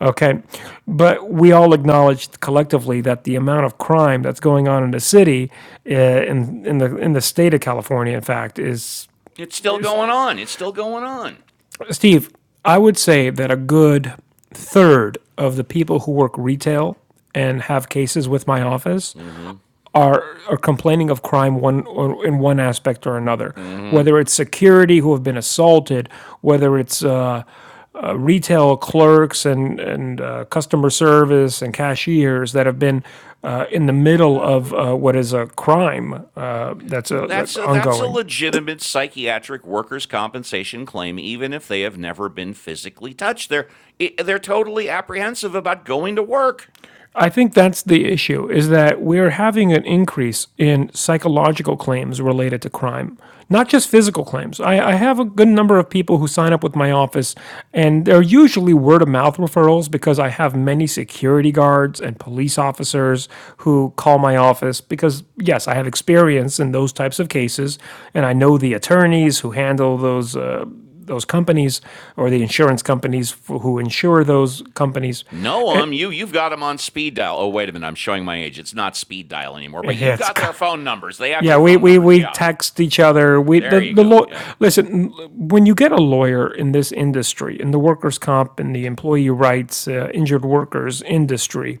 okay? But we all acknowledge collectively that the amount of crime that's going on in the city, uh, in in the in the state of California, in fact, is, It's still is going on. It's still going on. Steve. I would say that a good third of the people who work retail and have cases with my office are are complaining of crime one or in one aspect or another, whether it's security who have been assaulted, whether it's uh, uh, retail clerks and and uh, customer service and cashiers that have been uh, in the middle of uh, what is a crime uh, that's uh, That's a, that's a ongoing. legitimate psychiatric workers' compensation claim, even if they have never been physically touched. They're they're totally apprehensive about going to work. I think that's the issue is that we're having an increase in psychological claims related to crime, not just physical claims. I, I have a good number of people who sign up with my office, and they're usually word of mouth referrals because I have many security guards and police officers who call my office because, yes, I have experience in those types of cases, and I know the attorneys who handle those. Uh, those companies or the insurance companies who insure those companies. No, It, um, you you've got them on speed dial. Oh, wait a minute, I'm showing my age. It's not speed dial anymore, but you it's, got their phone numbers. They have Yeah, your we, phone we, numbers. we Yeah, text each other. We the there you the go. law. Yeah, Listen, when you get a lawyer in this industry, in the workers' comp and the employee rights, uh, injured workers industry,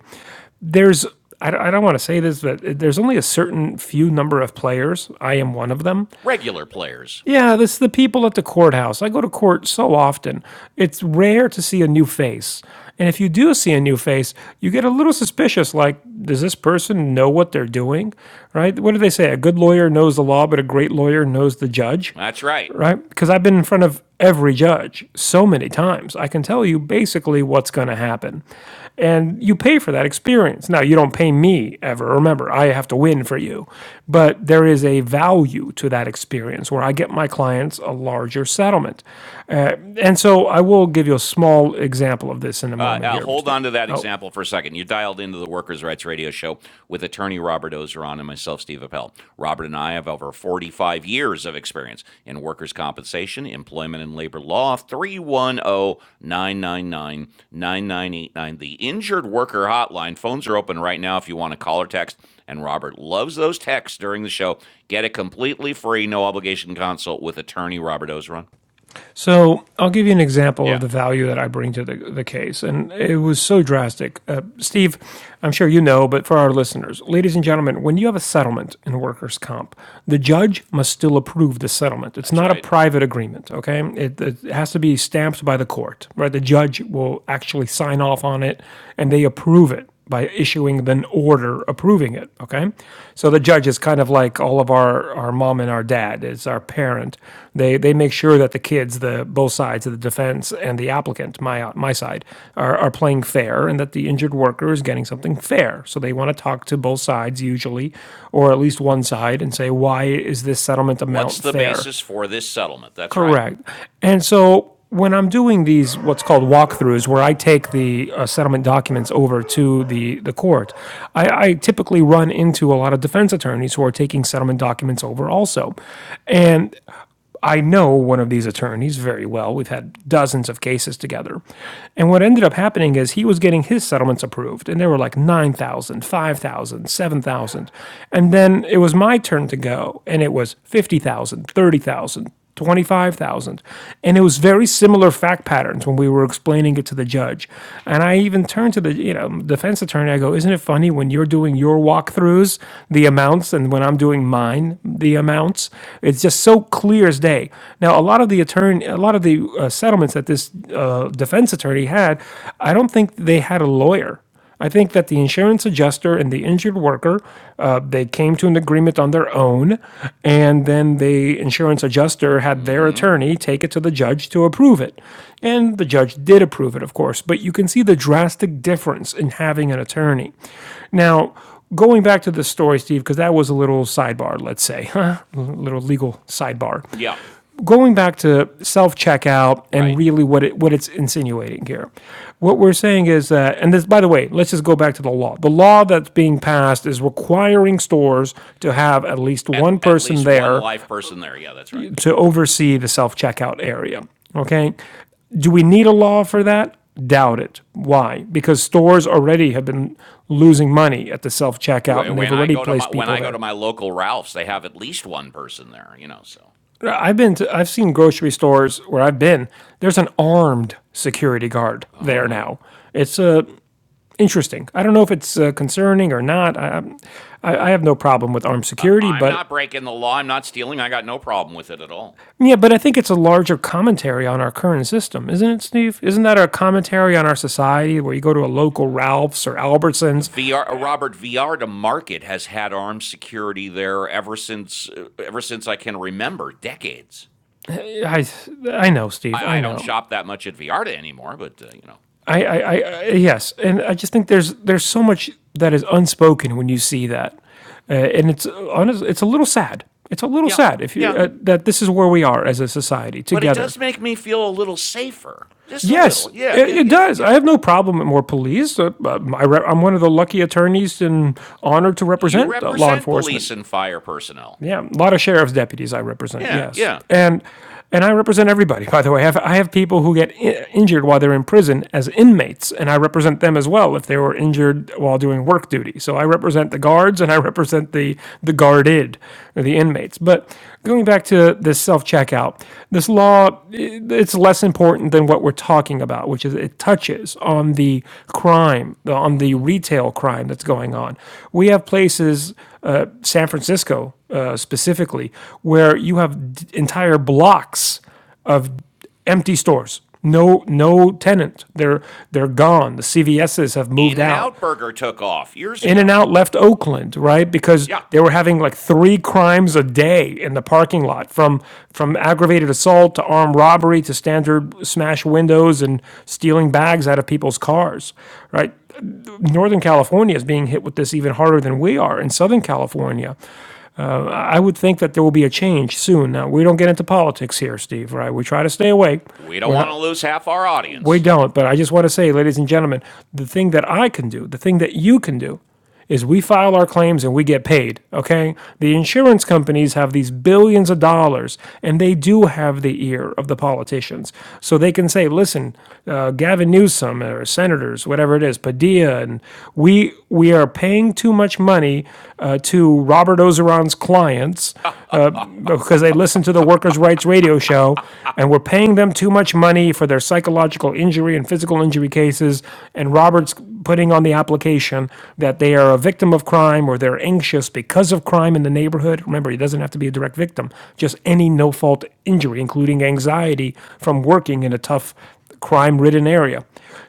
there's I, don't- I don't want to say this, but there's only a certain few number of players. I am one of them regular players. yeah, this the people at the courthouse. I go to court so often. It's rare to see a new face. And if you do see a new face, you get a little suspicious like does this person know what they're doing? Right? What do they say? A good lawyer knows the law, but a great lawyer knows the judge That's right. right? Because I've been in front of every judge so many times. I can tell you basically what's going to happen. And you pay for that experience. Now, you don't pay me ever. Remember, I have to win for you. But there is a value to that experience where I get my clients a larger settlement. Uh, and so I will give you a small example of this in a Uh, moment uh, here. hold on to that Oh, example for a second. You dialed into the Workers' Rights Radio Show with attorney Robert Ozeron and myself, Steve Appel. Robert and I have over 45 years of experience in workers' compensation, employment, and labor law. 310 999 9989, The Injured Worker Hotline. Phones are open right now if you want to call or text. And Robert loves those texts during the show. Get a completely free, no obligation consult with attorney Robert Ozeron. So I'll give you an example of Yeah, the value that I bring to the, the case. And it was so drastic. Uh, Steve, I'm sure you know, but for our listeners, ladies and gentlemen, when you have a settlement in workers' comp, the judge must still approve the settlement. It's that's not a right. private agreement, okay? It, it has to be stamped by the court, right? The judge will actually sign off on it and they approve it by issuing an order approving it. Okay, so the judge is kind of like all of our our mom and our dad. It's our parent. They they make sure that the kids, the both sides of the defense and the applicant, my my side, are are playing fair, and that the injured worker is getting something fair. So they want to talk to both sides usually, or at least one side, and say why is this settlement What's amount the fair? basis for this settlement? That's right. Correct. And so when I'm doing these, what's called walkthroughs, where I take the uh, settlement documents over to the, the court, I, I typically run into a lot of defense attorneys who are taking settlement documents over also. And I know one of these attorneys very well. We've had dozens of cases together. And what ended up happening is he was getting his settlements approved, and they were like 9,000, 5,000, 7,000. And then it was my turn to go, and it was 50,000, 30,000, 25,000. And it was very similar fact patterns when we were explaining it to the judge. And I even turned to the, you know, defense attorney, I go, "Isn't it funny when you're doing your walkthroughs, the amounts and when I'm doing mine, the amounts? It's just so clear as day." Now, a lot of the attorney a lot of the uh, settlements that this uh, defense attorney had, I don't think they had a lawyer. I think that the insurance adjuster and the injured worker, uh, they came to an agreement on their own, and then the insurance adjuster had their attorney take it to the judge to approve it. And the judge did approve it, of course, but you can see the drastic difference in having an attorney. Now, going back to the story, Steve, because that was a little sidebar, let's say, a little legal sidebar. Yeah, Going back to self checkout and right. really what it what it's insinuating here, what we're saying is that, and this by the way, let's just go back to the law. The law that's being passed is requiring stores to have at least At, one at person least one there live person there. Yeah, that's right. to Yeah. oversee the self checkout area. Okay, do we need a law for that? Doubt it. Why? Because stores already have been losing money at the self checkout and they've When I already go to placed my when people I go to there. my local Ralph's, they have at least one person there. You know, so. I've been to, I've seen grocery stores where I've been. There's an armed security guard there Oh. now. It's uh, interesting. I don't know if it's uh, concerning or not. I, i I I have no problem with armed Uh, security, I'm but not breaking the law. I'm not stealing. I got no problem with it at all. yeah, but I think it's a larger commentary on our current system, isn't it, Steve? Isn't that a commentary on our society where you go to a local Ralph's or Albertsons? VR uh, Robert VR to Market has had armed security there ever since uh, ever since I can remember, decades. I I know, Steve. I I, I don't know. shop that much at V R to anymore, but uh, you know, I, I, I, yes, and I just think there's there's so much that is unspoken when you see that, uh, and it's uh, honest, it's a little sad. It's a little yeah, sad if you yeah. uh, that this is where we are as a society but it together. does make me feel a little safer. Just a Yes, little. Yeah, it, yeah, it yeah, yeah. does. I yeah. have no problem with more police. Uh, uh, I re- I'm one of the lucky attorneys and honored to You represent uh, law represent enforcement. police and fire personnel. Yeah, a lot of sheriff's deputies I represent. Yeah, Yes, yeah. and and I represent everybody. By the way, I have I have people who get I- injured while they're in prison as inmates, and I represent them as well if they were injured while doing work duty. So I represent the guards and I represent the the guarded or the inmates. But going back to this self checkout, this law it's less important than what we're talking about, which is it touches on the crime, on the retail crime that's going on. We have places, uh, San Francisco uh, specifically, where you have d- entire blocks of empty stores. No, no tenant. They're they're gone. The CVSs have moved In and out. Out Burger took off years In and ago. Out left Oakland, right? Because Yeah. they were having like three crimes a day in the parking lot, from from aggravated assault to armed robbery to standard smash windows and stealing bags out of people's cars, right? Northern California is being hit with this even harder than we are. In Southern California, I would think that there will be a change soon. Now, we don't get into politics here, Steve, right? We try to stay awake. We don't We're want to not, lose half our we audience. don't, but I just want to say, ladies and gentlemen, the thing that I can do, the thing that you can do, is we file our claims and we get paid, okay? The insurance companies have these billions of dollars and they do have the ear of the politicians. So they can say, listen, uh, Gavin Newsom or senators, whatever it is, Padilla, and we, we are paying too much money uh, to Robert Ozeron's clients because they listen to the workers' rights radio show and we're paying them too much money for their psychological injury and physical injury cases. And Robert's putting on the application that they are a victim of crime or they're anxious because of crime in the neighborhood. Remember, he doesn't have to be a direct victim, just any no fault injury, including anxiety from working in a tough crime ridden area.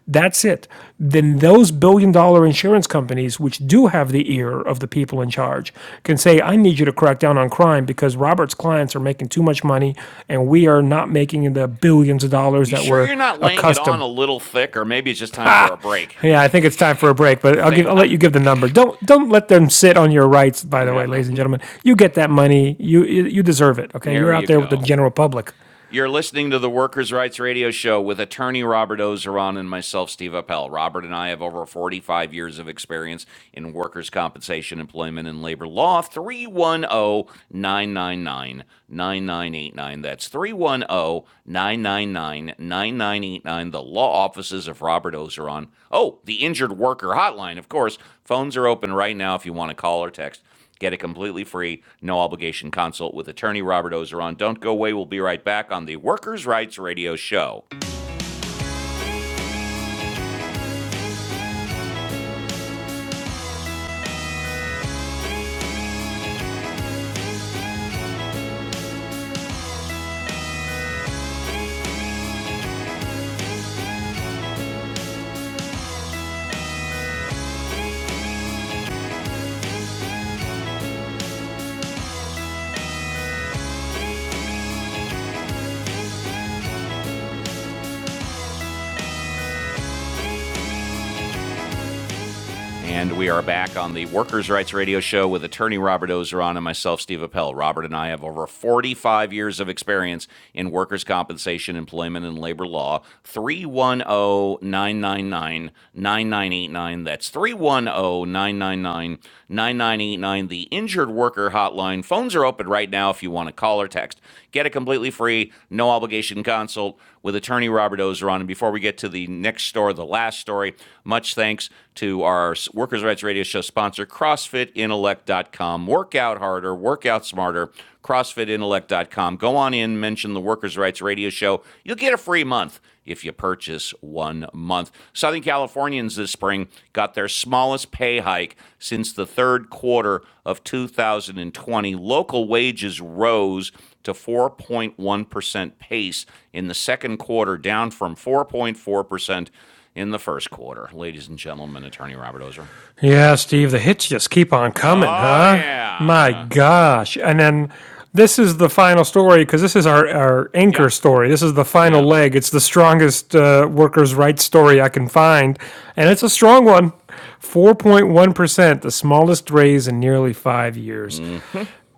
That's it. Then those billion dollar insurance companies, which do have the ear of the people in charge, can say, I need you to crack down on crime because Robert's clients are making too much money and we are not making the billions of dollars You that sure we're you're not laying it on accustomed. a little thick, or maybe it's just time for Ha! a break? Yeah, I think it's time for a break, but I'll give Thank- I'll let you give the number. Don't don't let them sit on your rights, by the yeah, way, ladies and mm, gentlemen. You get that money. You you you deserve it. Okay. You're there out you there with the go. general public. You're listening to the Workers' Rights Radio Show with attorney Robert Ozeron and myself, Steve Appel. Robert and I have over 45 years of experience in workers' compensation, employment, and labor law. 310 999 9989. That's 310 999 9989. The law offices of Robert Ozeron. Oh, the injured worker hotline, of course. Phones are open right now if you want to call or text. Get a completely free, no obligation consult with attorney Robert Ozeron. Don't go away. We'll be right back on the Workers' Rights Radio Show. And we are back on the Workers' Rights Radio Show with attorney Robert Ozeron and myself, Steve Appel. Robert and I have over 45 years of experience in workers' compensation, employment, and labor law. 310 999 9989. That's 310 999 9989. The injured worker hotline. Phones are open right right now if you want to call or text. Get a completely free, no obligation consult with attorney Robert Ozeron. And before we get to the next story, the last story, much thanks to our Workers' Rights Radio Show sponsor, CrossFitIntellect.com. Work out harder, work out smarter, CrossFitIntellect.com. Go on in, mention the Workers' Rights Radio Show. You'll get a free month if you purchase one month. Southern Californians this spring got their smallest pay hike since the third quarter of 2020. Local wages rose to 4.1% pace in the second quarter, down from 4.4% in the first quarter. Ladies and gentlemen, Attorney Robert Ozer. Yeah, Steve, the hits just keep on coming, Oh, huh? yeah, My yeah, gosh. And then this is the final story because this is our, our yeah, anchor story. This is the final yeah. leg. It's the strongest uh, workers' rights story I can find. And it's a strong one 4.1%, the smallest raise in nearly five years.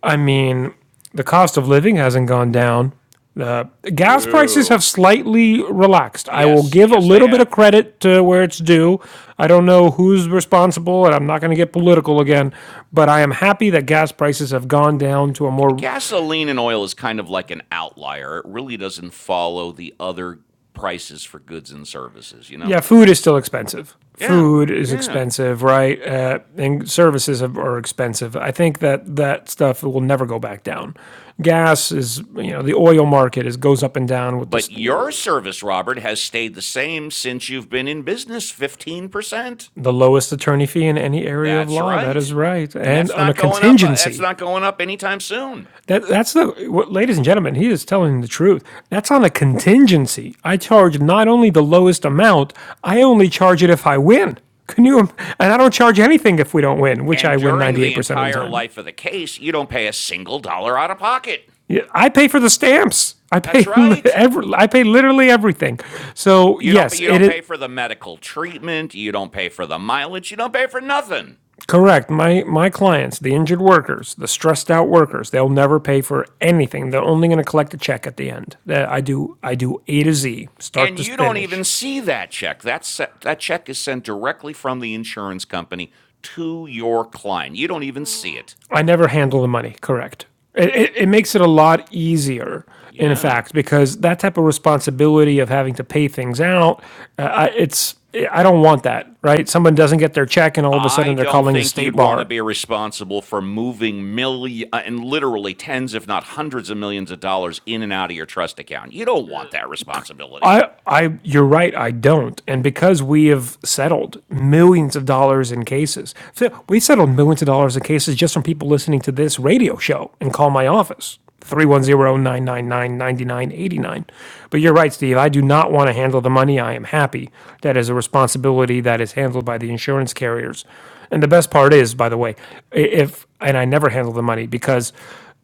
I mean, the cost of living hasn't gone down. Uh, gas prices No. have slightly relaxed. I will Yes, give a yes, they little bit of have. credit to where it's due. I don't know who's responsible, and I'm not going to get political again, but I am happy that gas prices have gone down to a G- more. Gasoline and oil is kind of like an outlier. It really doesn't follow the other prices for goods and services, you know? Yeah, food is still expensive. Yeah, Food is yeah. expensive, right? Uh, and services are expensive. I think that that stuff will never go back down. Gas is, you know, the oil market is goes up and down with the But your service, Robert, has stayed the same since you've been in business 15%. The lowest attorney fee in any area of That's law. That is right. right. And And that's on a not going up. uh, That's contingency. not going up anytime soon. That that's the what, ladies and gentlemen, he is telling the truth. That's on a contingency. I charge not only the lowest amount, I only charge it if I win. Can you and I don't charge anything if we don't win, which And I win during the 98% of the entire time. life of the case, you don't pay a single dollar out of pocket. Yeah, I pay for the stamps. I That's pay right. every, I pay literally everything. So, You don't yes, you it don't is pay for the medical treatment, you don't pay for the mileage, you don't pay for nothing. Correct. My my clients, the injured workers, the stressed out workers, they'll never pay for anything. They're only going to collect a check at the end. That I do I do A to Z, start and to you don't even finish. see that check. That's that check is sent directly from the insurance company to your client. You don't even see it. I never handle the money. Correct. It, it, it makes it a lot easier, in Yeah. fact, because that type of responsibility of having to pay things out, uh, I, it's I don't want that. Right? Someone doesn't get their check, and all of a I sudden they're don't calling the think you'd state want to bar be responsible for moving million uh, and literally tens, if not hundreds of millions of dollars in and out of your trust account. You don't want that responsibility. I, I, you're right. I don't, and because we have settled millions of dollars in cases, so we settled millions of dollars in cases just from people listening to this radio show and call my office three one zero nine nine nine ninety nine eighty nine. But you're right, Steve. I do not want to handle the money. I am happy that is a responsibility that is handled by the insurance carriers. And the best part is, by the way, if and I never handle the money because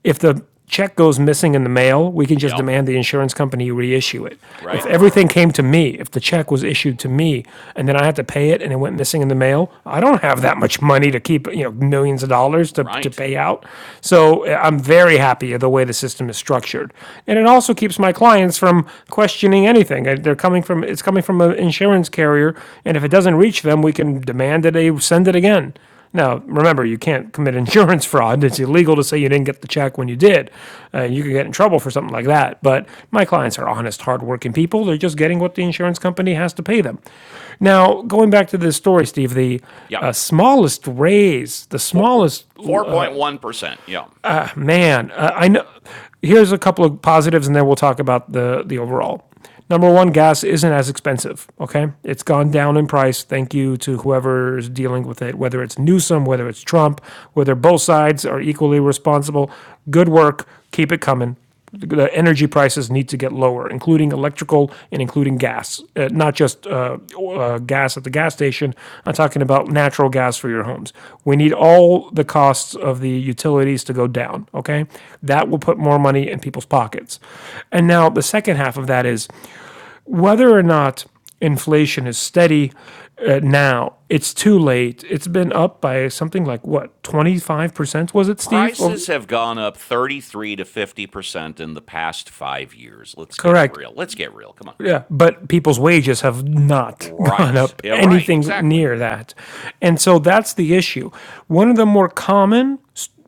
if the check goes missing in the mail, we can just Yep. demand the insurance company reissue it. If Right. everything came to me, if the check was issued to me, and then I had to pay it and it went missing in the mail, I don't have that much money to keep, you know, millions of dollars to, to Right. pay out. So uh, I'm very happy the way the system is structured. And it also keeps my clients from questioning anything. Uh, They're coming from, it's coming from an insurance carrier, and if it doesn't reach them, we can demand that they send it again. Now, remember, you can't commit insurance fraud. It's illegal to say you didn't get the check when you did. Uh, you could get in trouble for something like that. But my clients are honest, hardworking people. They're just getting what the insurance company has to pay them. Now, going back to this story, Steve, the Yep. uh, smallest raise, the Four, smallest 4.1%. Yep. man, uh, I know. Here's a couple of positives, and then we'll talk about the the overall. Number one, gas isn't as expensive. Okay, it's gone down in price. Thank you to whoever's dealing with it, whether it's Newsom, whether it's Trump, whether both sides are equally responsible. Good work. Keep it coming the energy prices need to get lower, including electrical and including gas, uh, not just uh, uh, gas at the gas station. I'm talking about natural gas for your homes. We need all the costs of the utilities to go down, okay? That will put more money in people's pockets. And now the second half of that is whether or not inflation is steady uh, now. It's too late. It's been up by something like what, 25%, was it, Steve? Or, Prices have gone up 33 to 50% in the past 5 years. Let's get correct. real. Let's get real. Come on. Yeah, but people's wages have not gone Right. up Yeah, right. anything Exactly. near that. And so that's the issue. One of the more common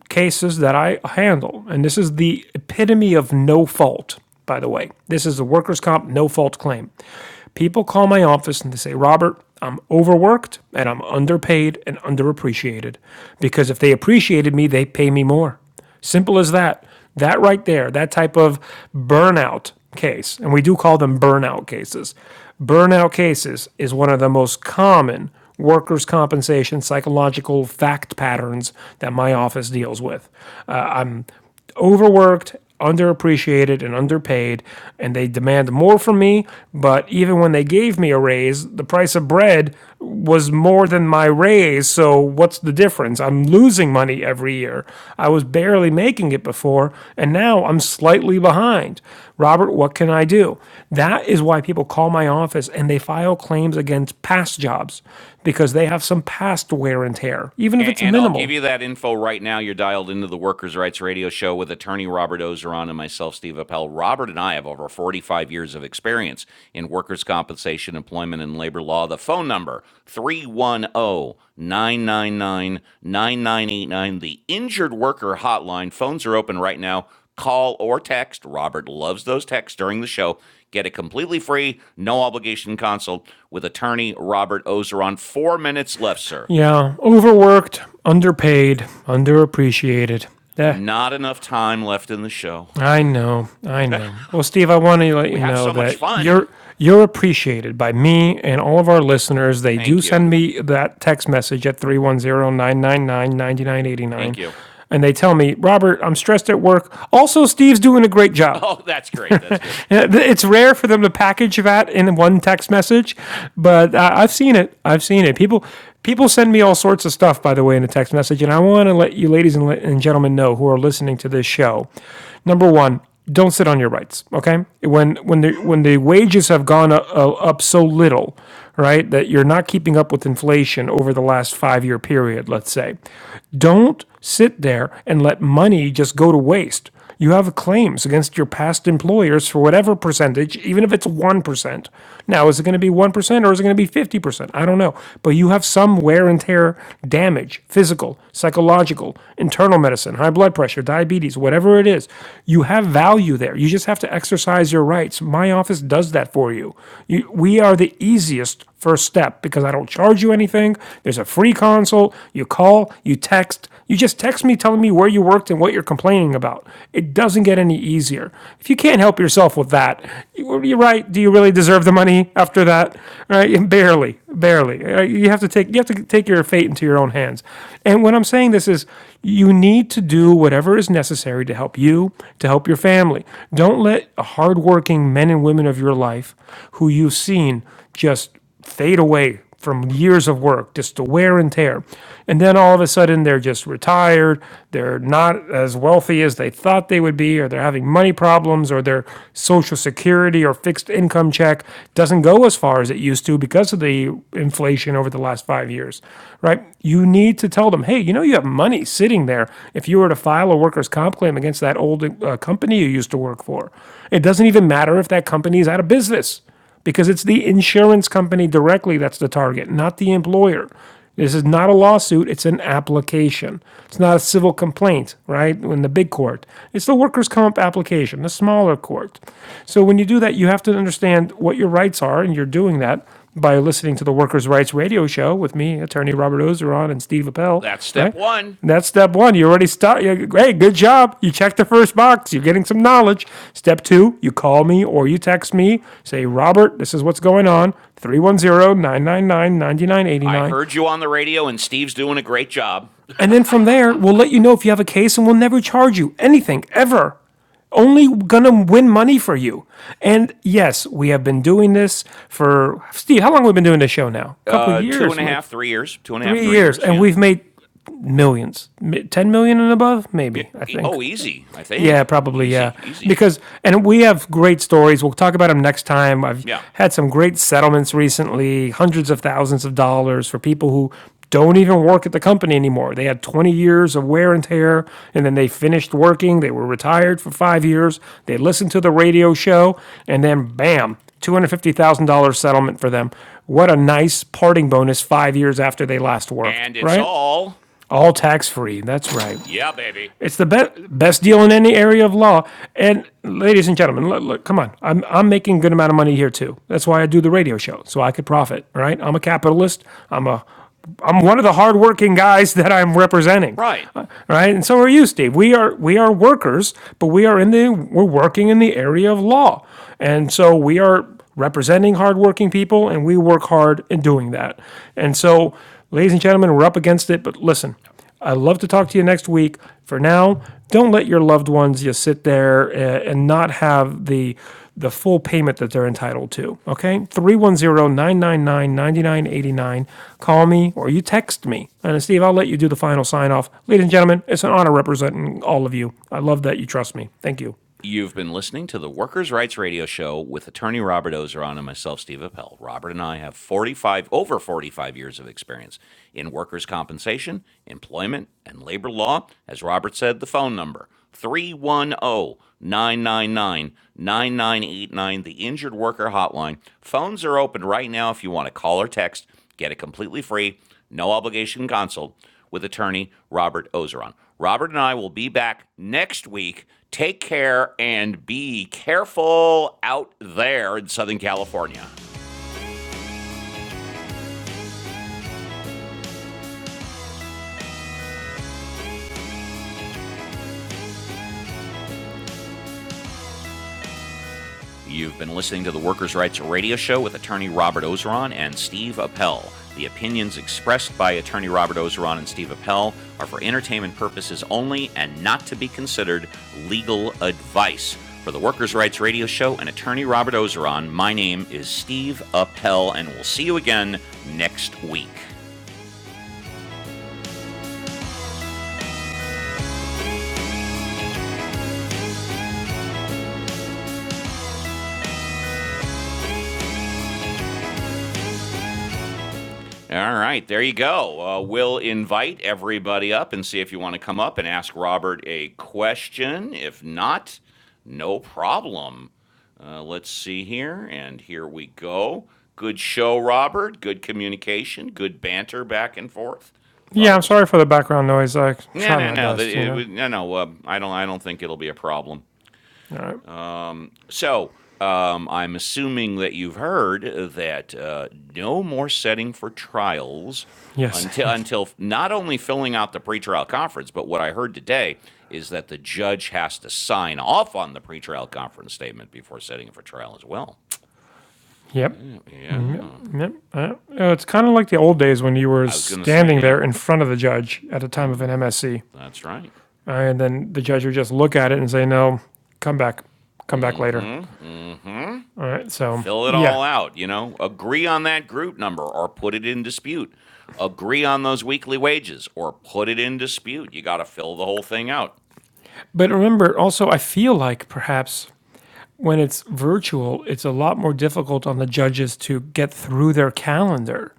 cases that I handle, and this is the epitome of no fault, by the way, this is a workers' comp no fault claim. People call my office and they say, Robert, I'm overworked and I'm underpaid and underappreciated because if they appreciated me, they pay me more. Simple as that. That right there, that type of burnout case, and we do call them burnout cases. Burnout cases is one of the most common workers' compensation psychological fact patterns that my office deals with. Uh, I'm overworked, underappreciated, and underpaid, and they demand more from me. But even when they gave me a raise, the price of bread was more than my raise. So what's the difference? I'm losing money every year. I was barely making it before, and now I'm slightly behind. Robert, what can I do? That is why people call my office and they file claims against past jobs because they have some past wear and tear, even if And, it's and I'll minimal. give you that info right now. You're dialed into the Workers' Rights Radio Show with attorney Robert Ozeron and myself, Steve Appel. Robert and I have over 45 years of experience in workers' compensation, employment, and labor law. The phone number, 310 999 9989. the Injured Worker Hotline. Phones are open right now. Call or text. Robert loves those texts during the show. Get a completely free, no obligation consult with attorney Robert Ozeron. Four minutes left, sir. Yeah, overworked, underpaid, underappreciated. Eh, Not enough time left in the show. I know, I know. Well, Steve, I want to let you We have know so much that fun. you're you're appreciated by me and all of our listeners. They do Thank you. send me that text message at three one zero nine nine nine ninety nine eighty Thank nine, you. and they tell me, "Robert, I'm stressed at work. Also, Steve's doing a great job." Oh, that's great. That's good. It's rare for them to package that in one text message, but uh, I've seen it. I've seen it. People people send me all sorts of stuff, by the way, in a text message, and I want to let you, ladies and, and gentlemen, know who are listening to this show. Number one, don't sit on your rights. Okay, when when the when the wages have gone up, uh, up so little, right, that you're not keeping up with inflation over the last five year period, let's say, don't sit there and let money just go to waste. You have claims against your past employers for whatever percentage, even if it's 1%. Now, is it going to be 1% or is it going to be 50%? I don't know. But you have some wear and tear damage physical, psychological, internal medicine, high blood pressure, diabetes, whatever it is. You have value there. You just have to exercise your rights. My office does that for you. you we are the easiest first step because I don't charge you anything. There's a free consult. You call, you text, you just text me telling me where you worked and what you're complaining about. It doesn't get any easier. If you can't help yourself with that, you- are right. Do you really deserve the money after that? Right? Barely, barely. Uh, You have to take you have to take your fate into your own hands. And what I'm saying this is you need to do whatever is necessary to help you, to help your family. Don't let hardworking men and women of your life who you've seen just fade away from years of work, just the wear and tear. And then all of a sudden, they're just retired. They're not as wealthy as they thought they would be, or they're having money problems, or their social security or fixed income check doesn't go as far as it used to because of the inflation over the last five years, right? You need to tell them, hey, you know, you have money sitting there. If you were to file a workers' comp claim against that old uh, company you used to work for, it doesn't even matter if that company is out of business because it's the insurance company directly that's the target, not the employer. This is not a lawsuit, it's an application. It's not a civil complaint, right? In the big court, it's the workers' comp application, the smaller court. So when you do that, you have to understand what your rights are, and you're doing that by listening to the Workers' Rights Radio Show with me, attorney Robert Ozeron, and Steve Appel, That's step right? one. And that's step one. You already start. hey, good job. You checked the first box. You're getting some knowledge. Step two, you call me or you text me. Say, Robert, this is what's going on. Three one zero nine nine nine ninety nine eighty I nine. heard you on the radio, and Steve's doing a great job. And then from there, we'll let you know if you have a case and we'll never charge you anything ever only gonna win money for you. And yes, we have been doing this for Steve. How long have we been doing this show now? A couple Uh, two and years, a like half, three years. Two and a half, three three years, years. and Yeah. we've made millions, ten million and above, yeah. maybe. I e- think Oh, easy. I Yeah, think probably. Yeah, easy, easy. because and we have great stories. We'll talk about them next time. I've Yeah. had some great settlements recently, hundreds of thousands of dollars for people who don't even work at the company anymore. They had 20 years of wear and tear, and then they finished working. They were retired for five years. They listened to the radio show, and then bam, $250,000 settlement for them. What a nice parting bonus five years after they last worked, And it's right? all All tax free. That's right. yeah, baby. It's the best best deal in any area of law. And ladies and gentlemen, look, look, come on. I'm I'm making a good amount of money here too. That's why I do the radio show, so I could profit. Right? right? I'm a capitalist. I'm a I'm one of the hardworking guys that I'm representing, Right. uh, right? And so are you, Steve. We are we are workers, but we are in the we're working in the area of law, and so we are representing hardworking people, and we work hard in doing that. And so, ladies and gentlemen, we're up against it. But listen, I'd love to talk to you next week. For now, don't let your loved ones just sit there eh, and not have the the full payment that they're entitled to. Okay? three one zero nine nine nine ninety nine eighty nine. Call me or you text me. And Steve, I'll let you do the final sign off. Ladies and gentlemen, it's an honor representing all of you. I love that you trust me. Thank you. You've been listening to the Workers' Rights Radio Show with attorney Robert Ozeron and myself, Steve Appel. Robert and I have 45, over 45 years of experience in workers' compensation, employment, and labor law. As Robert said, the phone number 310 999 9989. the Injured Worker Hotline. Phones are open right now if you want to call or text. Get it completely free no obligation counsel with attorney Robert Ozeron. Robert and I will be back next week. Take care and be careful out there in Southern California. You've been listening to the Workers' Rights Radio Show with attorney Robert Ozeron and Steve Appel. The opinions expressed by attorney Robert Ozeron and Steve Appel are for entertainment purposes only and not to be considered legal advice. For the Workers' Rights Radio Show and attorney Robert Ozeron, my name is Steve Appel, and we'll see you again next week. All right, there you go. Uh, we'll invite everybody up and see if you want to come up and ask Robert a question. If not, no problem. Uh, let's see here, and here we go. Good show, Robert. Good communication. Good banter back and forth. Thought Yeah, I'm it was sorry good. for the background noise. I No, tried no, my no. that- best, you it know. No, no. Uh, I don't. I don't think it'll be a problem. All right. So um, I'm assuming that you've heard that uh, no more setting for trials Yes, until yes. until not only filling out the pretrial conference, but what I heard today is that the judge has to sign off on the pretrial conference statement before setting it for trial as well. Yep. Yeah, Yep. Uh, it's kind of like the old days when you were I was gonna say standing yeah, there in front of the judge at the time yeah, of an MSC, that's right. uh, and then the judge would just look at it and say, "No, come back, come back later." All right. So Fill it yeah, all out, you know. Agree on that group number or put it in dispute. Agree on those weekly wages or put it in dispute. You got to fill the whole thing out. but remember also, I feel like perhaps when it's virtual, it's a lot more difficult on the judges to get through their calendar.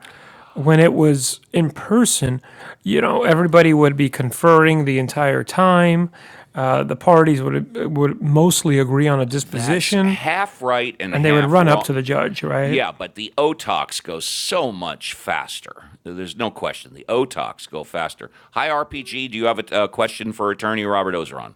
When it was in person, you know, everybody would be conferring the entire time. Uh, the parties would would mostly agree on a That's disposition, half right and and they would half run up wrong. to the judge, right? Yeah, but the Otox go so much faster. There's no question. The Otox go faster. Hi, RPG. Do you have a, a question for attorney Robert Ozeron?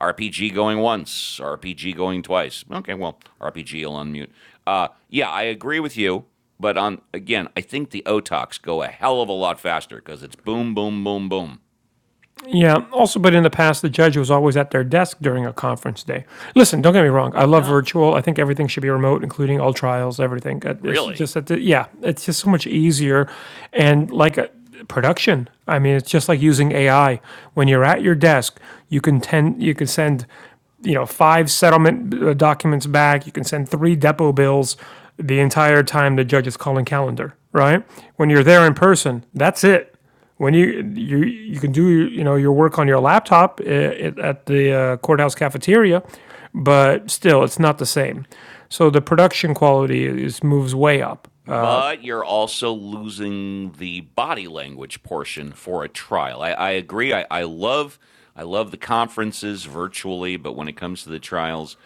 RPG going once, RPG going twice. Okay, well, RPG will unmute. Uh, yeah, I agree with you. But on again, I think the Otox go a hell of a lot faster because it's boom, boom, boom, boom. Yeah. Also, but in the past, the judge was always at their desk during a conference day. Listen, don't get me wrong. I love No, virtual. I think everything should be remote, including all trials, everything. Uh, It's really. just that, the, yeah, it's just so much easier. And like uh, production, I mean, it's just like using AI. When you're at your desk, you can tend, you can send, you know, five settlement uh, documents back. You can send three depot bills the entire time the judge is calling calendar. Right? When you're there in person, that's it when you you you can do you know your work on your laptop at, at the uh, courthouse cafeteria, but still it's not the same. So the production quality is moves way up. But you're also losing the body language portion for a trial. I, I agree. I, I love I love the conferences virtually, but when it comes to the trials,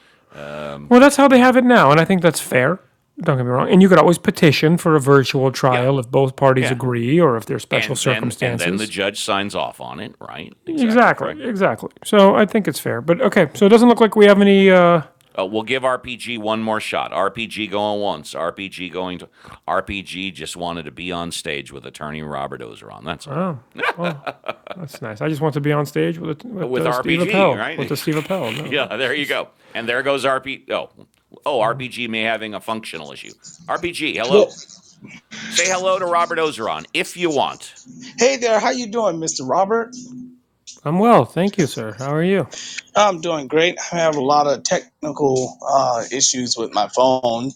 Well, that's how they have it now, and I think that's fair. Don't get me wrong. And you could always petition for a virtual yeah, trial if both parties yeah. agree or if there's special And then and then the circumstances. judge signs off on it, right? Exactly Exactly, correct. exactly. So I think it's fair. But okay, so it doesn't look like we have any. Uh, Uh, we'll give RPG one more shot. RPG going once. RPG going to. RPG just wanted to be on stage with attorney Robert Ozeron. That's all. oh, well, That's nice. I just want to be on stage with a, with with uh, Steve RPG, Appel. With right? the Steve Appel. No, yeah, it's there you just go. And there goes RPG. Oh, oh, RPG may having a functional issue. RPG, hello. Yes. Say hello to Robert Ozeron if you want. Hey there, how you doing, Mr. Robert? I'm well, thank you, sir. How are you? I'm doing great. I have a lot of technical uh, issues with my phone.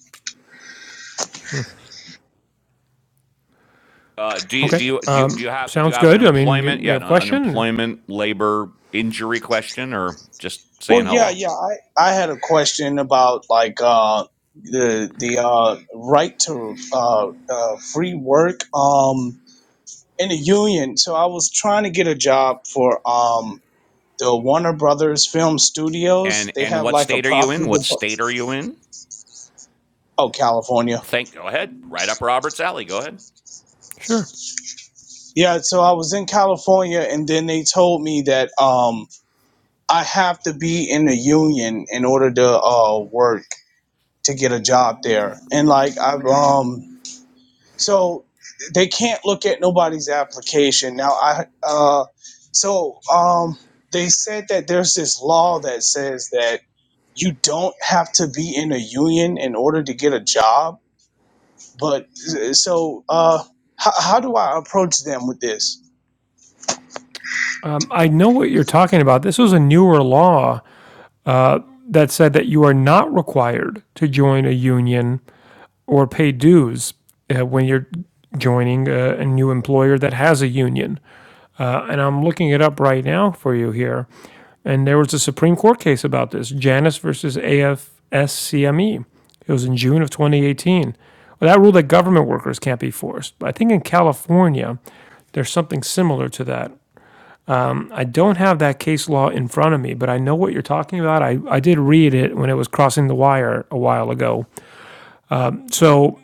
Uh, do you Okay. do you do you, do Um, you have do you sounds have an good. I mean, you, employment? you Yeah, have a no, an question? unemployment, labor, injury question, or just Well, saying yeah, hello? yeah. I, I had a question about like uh, the the uh, right to uh, uh, free work um, in the union. So I was trying to get a job for um, the Warner Brothers Film Studios. And They and have what like a state are you in? property What department. state are you in? Oh, California. Thank. Go ahead. Right up Robert's alley. Go ahead. Sure. Yeah, so I was in California, and then they told me that. Um, I have to be in the union in order to uh work to get a job there. And like I've um so they can't look at nobody's application. Now I uh so um they said that there's this law that says that you don't have to be in a union in order to get a job. But so uh how, how do I approach them with this? Um, I know what you're talking about. This was a newer law that said that you are not required to join a union or pay dues uh, when you're joining a, a new employer that has a union. and I'm looking it up right now for you here. And there was a Supreme Court case about this, Janus versus AFSCME. It was in June of 2018. Well, that ruled that government workers can't be forced. But I think in California, there's something similar to that. I don't have that case law in front of me, but I know what you're talking about. I, I did read it when it was crossing the wire a while ago. So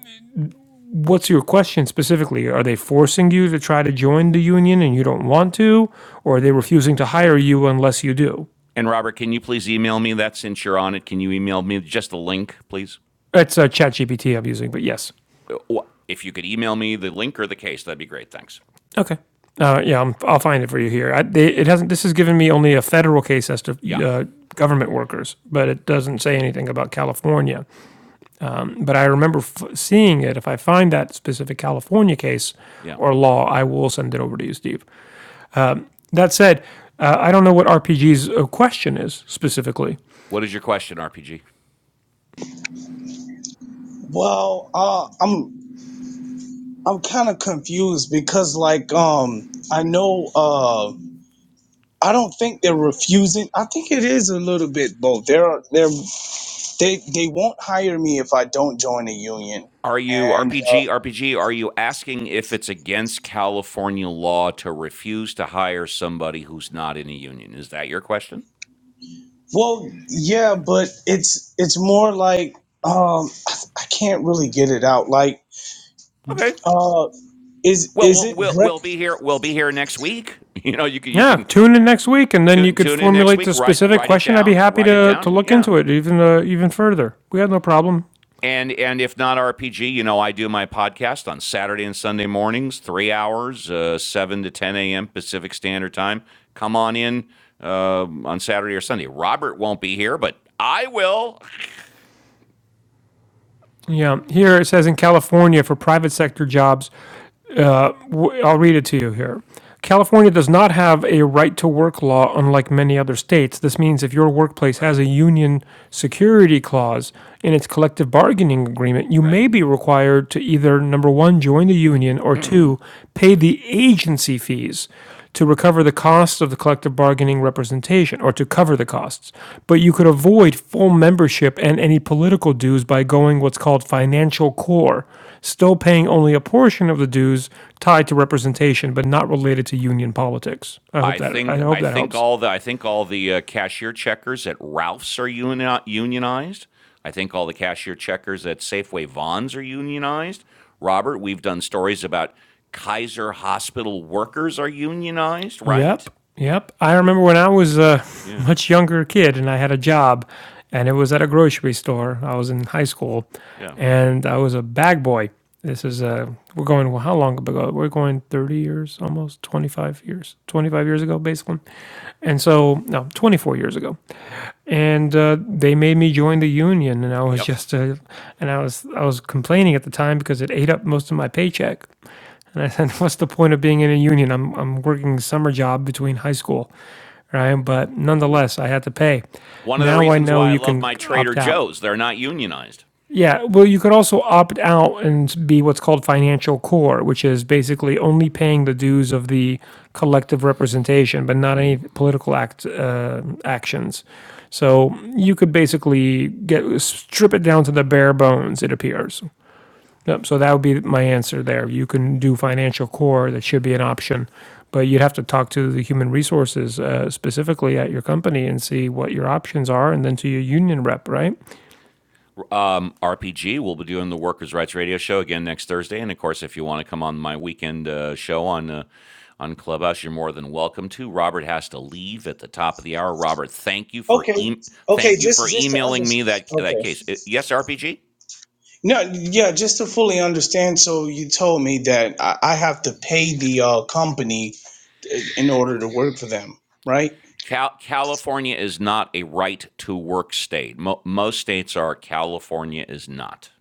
What's your question specifically? Are they forcing you to try to join the union and you don't want to, or are they refusing to hire you unless you do? And Robert, can you please email me that since you're on it? Can you email me just a link, please? It's uh, ChatGPT I'm using, but yes. if you could email me the link or the case, that'd be great. Thanks. Okay. Uh, yeah, I'm, I'll find it for you here. I, they, it hasn't. This has given me only a federal case as to Yeah. uh, government workers, but it doesn't say anything about California. But I remember f- seeing it. If I find that specific California case Yeah. or law, I will send it over to you, Steve. That said, uh, I don't know what RPG's uh, question is specifically. What is your question, RPG? Well, uh, I'm I'm kind of confused because like um I know uh I don't think they're refusing. I think it is a little bit both. They're they're they they won't hire me if I don't join a union. Are you And uh, RPG RPG? Are you asking if it's against California law to refuse to hire somebody who's not in a union? Is that your question? well, yeah, but it's it's more like um I, I can't really get it out. Like Okay. uh is Well, is we'll it we'll, rec- we'll be here. We'll be here next week. You know, you can you Yeah, can tune in next week, and then you tune could tune in next formulate the week. Write specific write it question. I'd be down. happy Write it to to down. look Yeah. into it even uh, even further. We had no problem. And and if not RPG, you know, I do my podcast on Saturday and Sunday mornings, three hours, uh, seven to ten a.m. Pacific Standard Time. Come on in uh, on Saturday or Sunday. Robert won't be here, but I will. Yeah, here it says in California for private sector jobs, w- I'll read it to you here. California does not have a right to work law unlike many other states. This means if your workplace has Right, a union security clause in its collective bargaining agreement, you right. may be required to either number one, join the union, or two, pay the agency fees to recover the costs of the collective bargaining representation or to cover the costs. But you could avoid full membership and any political dues by going what's called financial core still paying only a portion of the dues tied to representation but not related to union politics. I hope I that I think hope I that think helps. all the I think all the uh, cashier checkers at Ralph's are uni- unionized. I think all the cashier checkers at Safeway Vons are unionized. Robert, we've done stories about Kaiser Hospital workers are unionized, Yep. right? Yep. I remember when I was a Yeah. much younger kid and I had a job and it was at a grocery store. I was in high school Yeah. and I was a bag boy. This is uh we're going well, how long ago? We're going 30 years, almost 25 years. 25 years ago basically. And so no, 24 years ago. and uh, they made me join the union and i was Yep. just a, and i was i was complaining at the time because it ate up most of my paycheck and i said what's the point of being in a union i'm, I'm working a summer job between high school right but nonetheless i had to pay One of the now i reasons know why I you love can my Trader opt out Joe's, they're not unionized. yeah, well, you could also opt out and be what's called financial core, which is basically only paying the dues of the collective representation, but not any political act uh, actions. So you could basically get strip it down to the bare bones. It appears. Yep. So that would be my answer there. You can do financial core. That should be an option, but you'd have to talk to the human resources uh, specifically at your company and see what your options are, and then to your union rep. Right. Um, RPG, we'll be doing the Workers' Rights Radio Show again next Thursday, and of course, if you want to come on my weekend uh, show on uh, on Clubhouse, you're more than welcome to. Robert has to leave at the top of the hour. Robert, thank you for okay e- okay thank you for just just to emailing me that understand that okay case. Uh, yes, RPG. No, yeah, just to fully understand. So you told me that I, I have to pay the uh, company uh, in order to work for them, right? Cal- California is not a right to work state. Mo- most states are. California is not.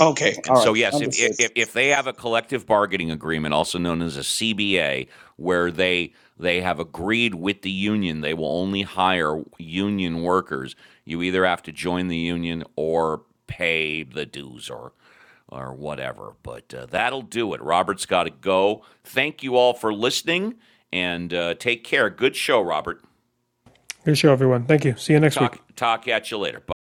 Okay, all And so, right, yes, if, understood. if if they have a collective bargaining agreement, also known as a CBA, where they they have agreed with the union, they will only hire union workers. You either have to join the union or pay the dues or or whatever. But uh, that'll do it. Robert's got to go. Thank you all for listening and uh, take care. Good show, Robert. Good show, everyone. Thank you. See you next week. Talk talk at you later. Bye.